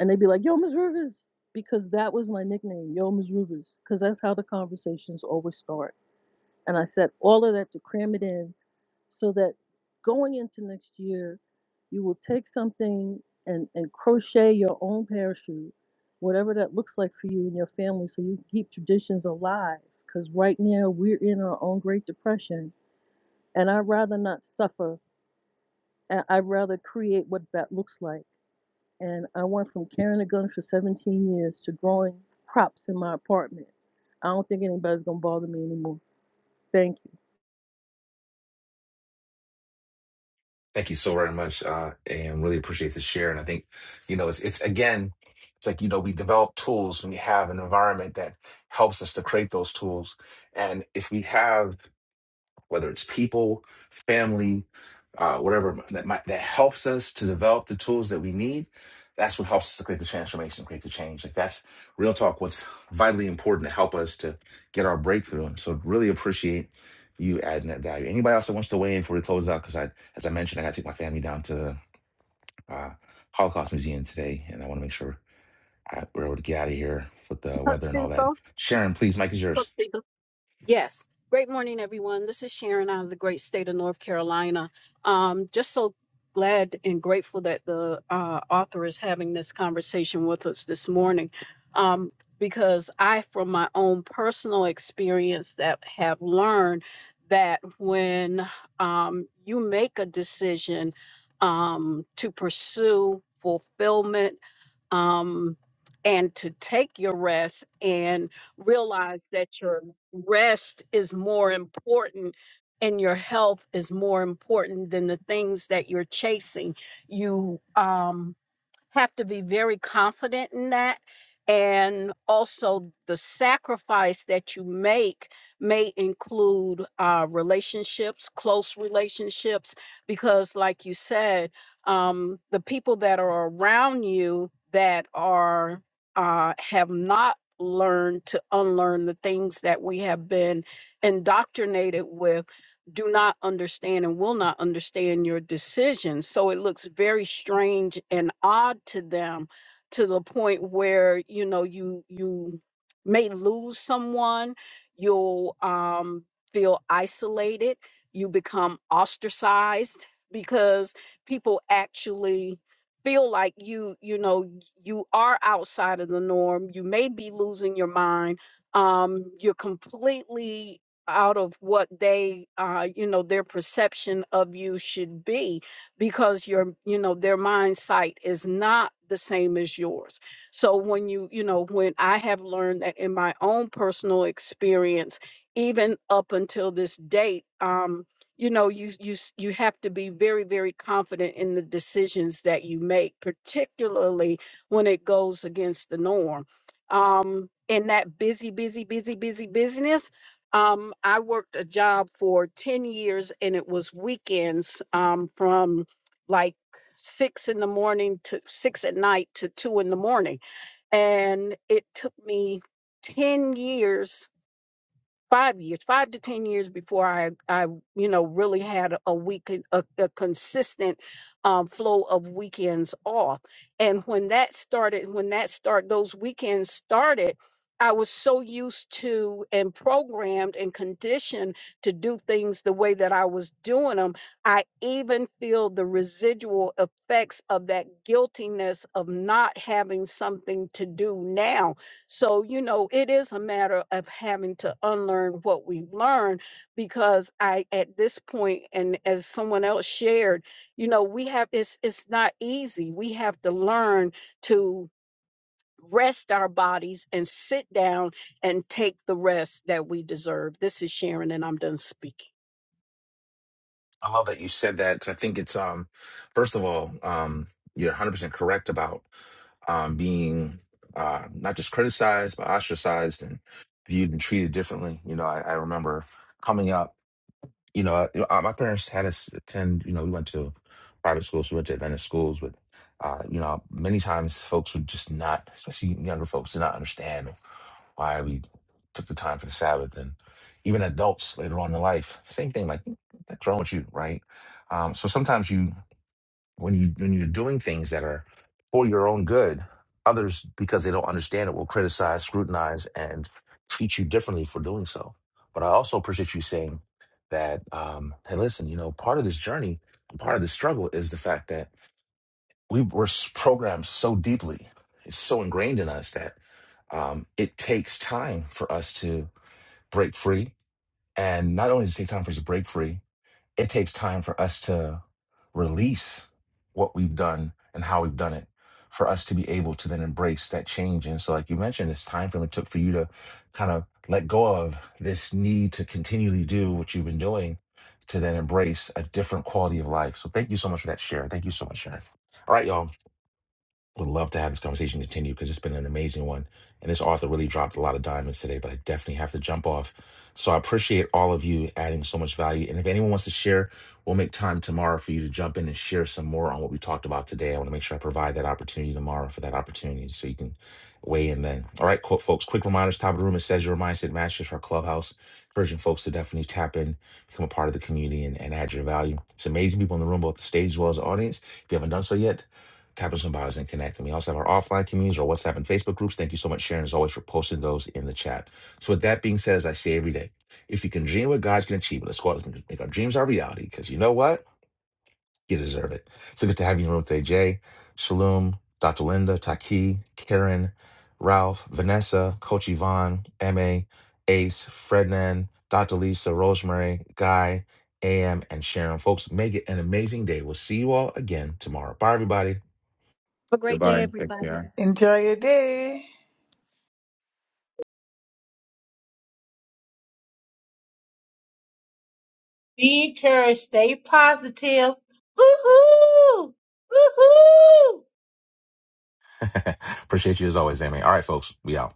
And they'd be like, yo, Ms. Rivers, because that was my nickname, yo, Ms. Rivers, because that's how the conversations always start. And I said all of that to cram it in so that going into next year, you will take something and, and crochet your own parachute, whatever that looks like for you and your family, so you can keep traditions alive. Because right now we're in our own Great Depression, and I'd rather not suffer. and I'd rather create what that looks like. And I went from carrying a gun for 17 years to growing crops in my apartment. I don't think anybody's gonna bother me anymore. Thank you.
Thank you so very much, uh, and really appreciate the share. And I think, you know, it's it's again, it's like you know, we develop tools and we have an environment that helps us to create those tools. And if we have whether it's people, family, uh, whatever that might, that helps us to develop the tools that we need. That's what helps us to create the transformation, create the change. Like that's real talk. What's vitally important to help us to get our breakthrough. And so, really appreciate you adding that value. Anybody else that wants to weigh in before we close out? Because I, as I mentioned, I got to take my family down to the uh, Holocaust Museum today, and I want to make sure I, we're able to get out of here with the weather and all that. Sharon, please, Mike is yours.
Yes. Great morning, everyone. This is Sharon out of the great state of North Carolina. Um, just so glad and grateful that the uh, author is having this conversation with us this morning. Um, because I, from my own personal experience, that have learned that when um, you make a decision um, to pursue fulfillment um, and to take your rest and realize that you're rest is more important and your health is more important than the things that you're chasing you um have to be very confident in that. And also, the sacrifice that you make may include uh, relationships, close relationships, because, like you said, um, the people that are around you that are uh, have not learned to unlearn the things that we have been indoctrinated with do not understand and will not understand your decisions. So it looks very strange and odd to them to the point where, you know, you you may lose someone, you'll um feel isolated, you become ostracized because people actually feel like you you know you are outside of the norm you may be losing your mind um you're completely out of what they uh you know their perception of you should be because your you know their mind sight is not the same as yours so when you you know when i have learned that in my own personal experience even up until this date um you know you you s- you have to be very very confident in the decisions that you make particularly when it goes against the norm um in that busy busy busy busy busyness um, I worked a job for 10 years and it was weekends um, from like six in the morning to six at night to two in the morning. And it took me 10 years five years, five to ten years before I, I you know, really had a week, a, a consistent um, flow of weekends off. And when that started, when that start, those weekends started. I was so used to and programmed and conditioned to do things the way that I was doing them. I even feel the residual effects of that guiltiness of not having something to do now so, you know, it is a matter of having to unlearn what we've learned because I, at this point, and as someone else shared, you know, we have, it's, it's not easy. We have to learn to rest our bodies and sit down and take the rest that we deserve. This is Sharon, and I'm done speaking.
I love that you said that 'cause I think it's um first of all um you're 100% correct about um being uh not just criticized but ostracized and viewed and treated differently. You know, I, I remember coming up. You know, I, I- my parents had us attend, you know, we went to private schools, we went to Adventist schools, but, uh, you know, many times folks would just not, especially younger folks, did not understand why we took the time for the Sabbath. And even adults later on in life, same thing, like, "What's wrong with you, right? Um, so sometimes you when you when you're doing things that are for your own good others because they don't understand it will criticize scrutinize and treat you differently for doing so but i also appreciate you saying that um hey listen you know part of this journey part of the struggle is the fact that we were s- programmed so deeply it's so ingrained in us that um it takes time for us to break free and not only does it take time for us to break free it takes time for us to release what we've done and how we've done it for us to be able to then embrace that change and so like you mentioned this time frame it took for you to kind of let go of this need to continually do what you've been doing to then embrace a different quality of life so thank you so much for that share thank you so much Sharon. all right y'all would love to have this conversation continue because it's been an amazing one. And this author really dropped a lot of diamonds today, but I definitely have to jump off. So I appreciate all of you adding so much value. And if anyone wants to share, we'll make time tomorrow for you to jump in and share some more on what we talked about today. I want to make sure I provide that opportunity tomorrow for that opportunity so you can weigh in then. All right, cool, folks. Quick reminders top of the room. It says your mindset matches our clubhouse, encouraging folks to definitely tap in, become a part of the community, and, and add your value. It's amazing people in the room, both the stage as well as the audience. If you haven't done so yet, Tap on some bios and connect. And we also have our offline communities, our WhatsApp and Facebook groups. Thank you so much, Sharon, as always, for posting those in the chat. So, with that being said, as I say every day, if you can dream what God can achieve, let's go out and make our dreams our reality because you know what? You deserve it. So good to have you in the room today, Jay, Shalom, Dr. Linda, Taki, Karen, Ralph, Vanessa, Coach Yvonne, MA, Ace, Frednan, Dr. Lisa, Rosemary, Guy, AM, and Sharon. Folks, make it an amazing day. We'll see you all again tomorrow. Bye, everybody.
Have a great day,
Goodbye. Thank
everybody.
you.
Enjoy your day.
Be encouraged. Stay positive. Hoo hoo! Hoo hoo!
[laughs] Appreciate you as always, Amy. All right, folks, we out.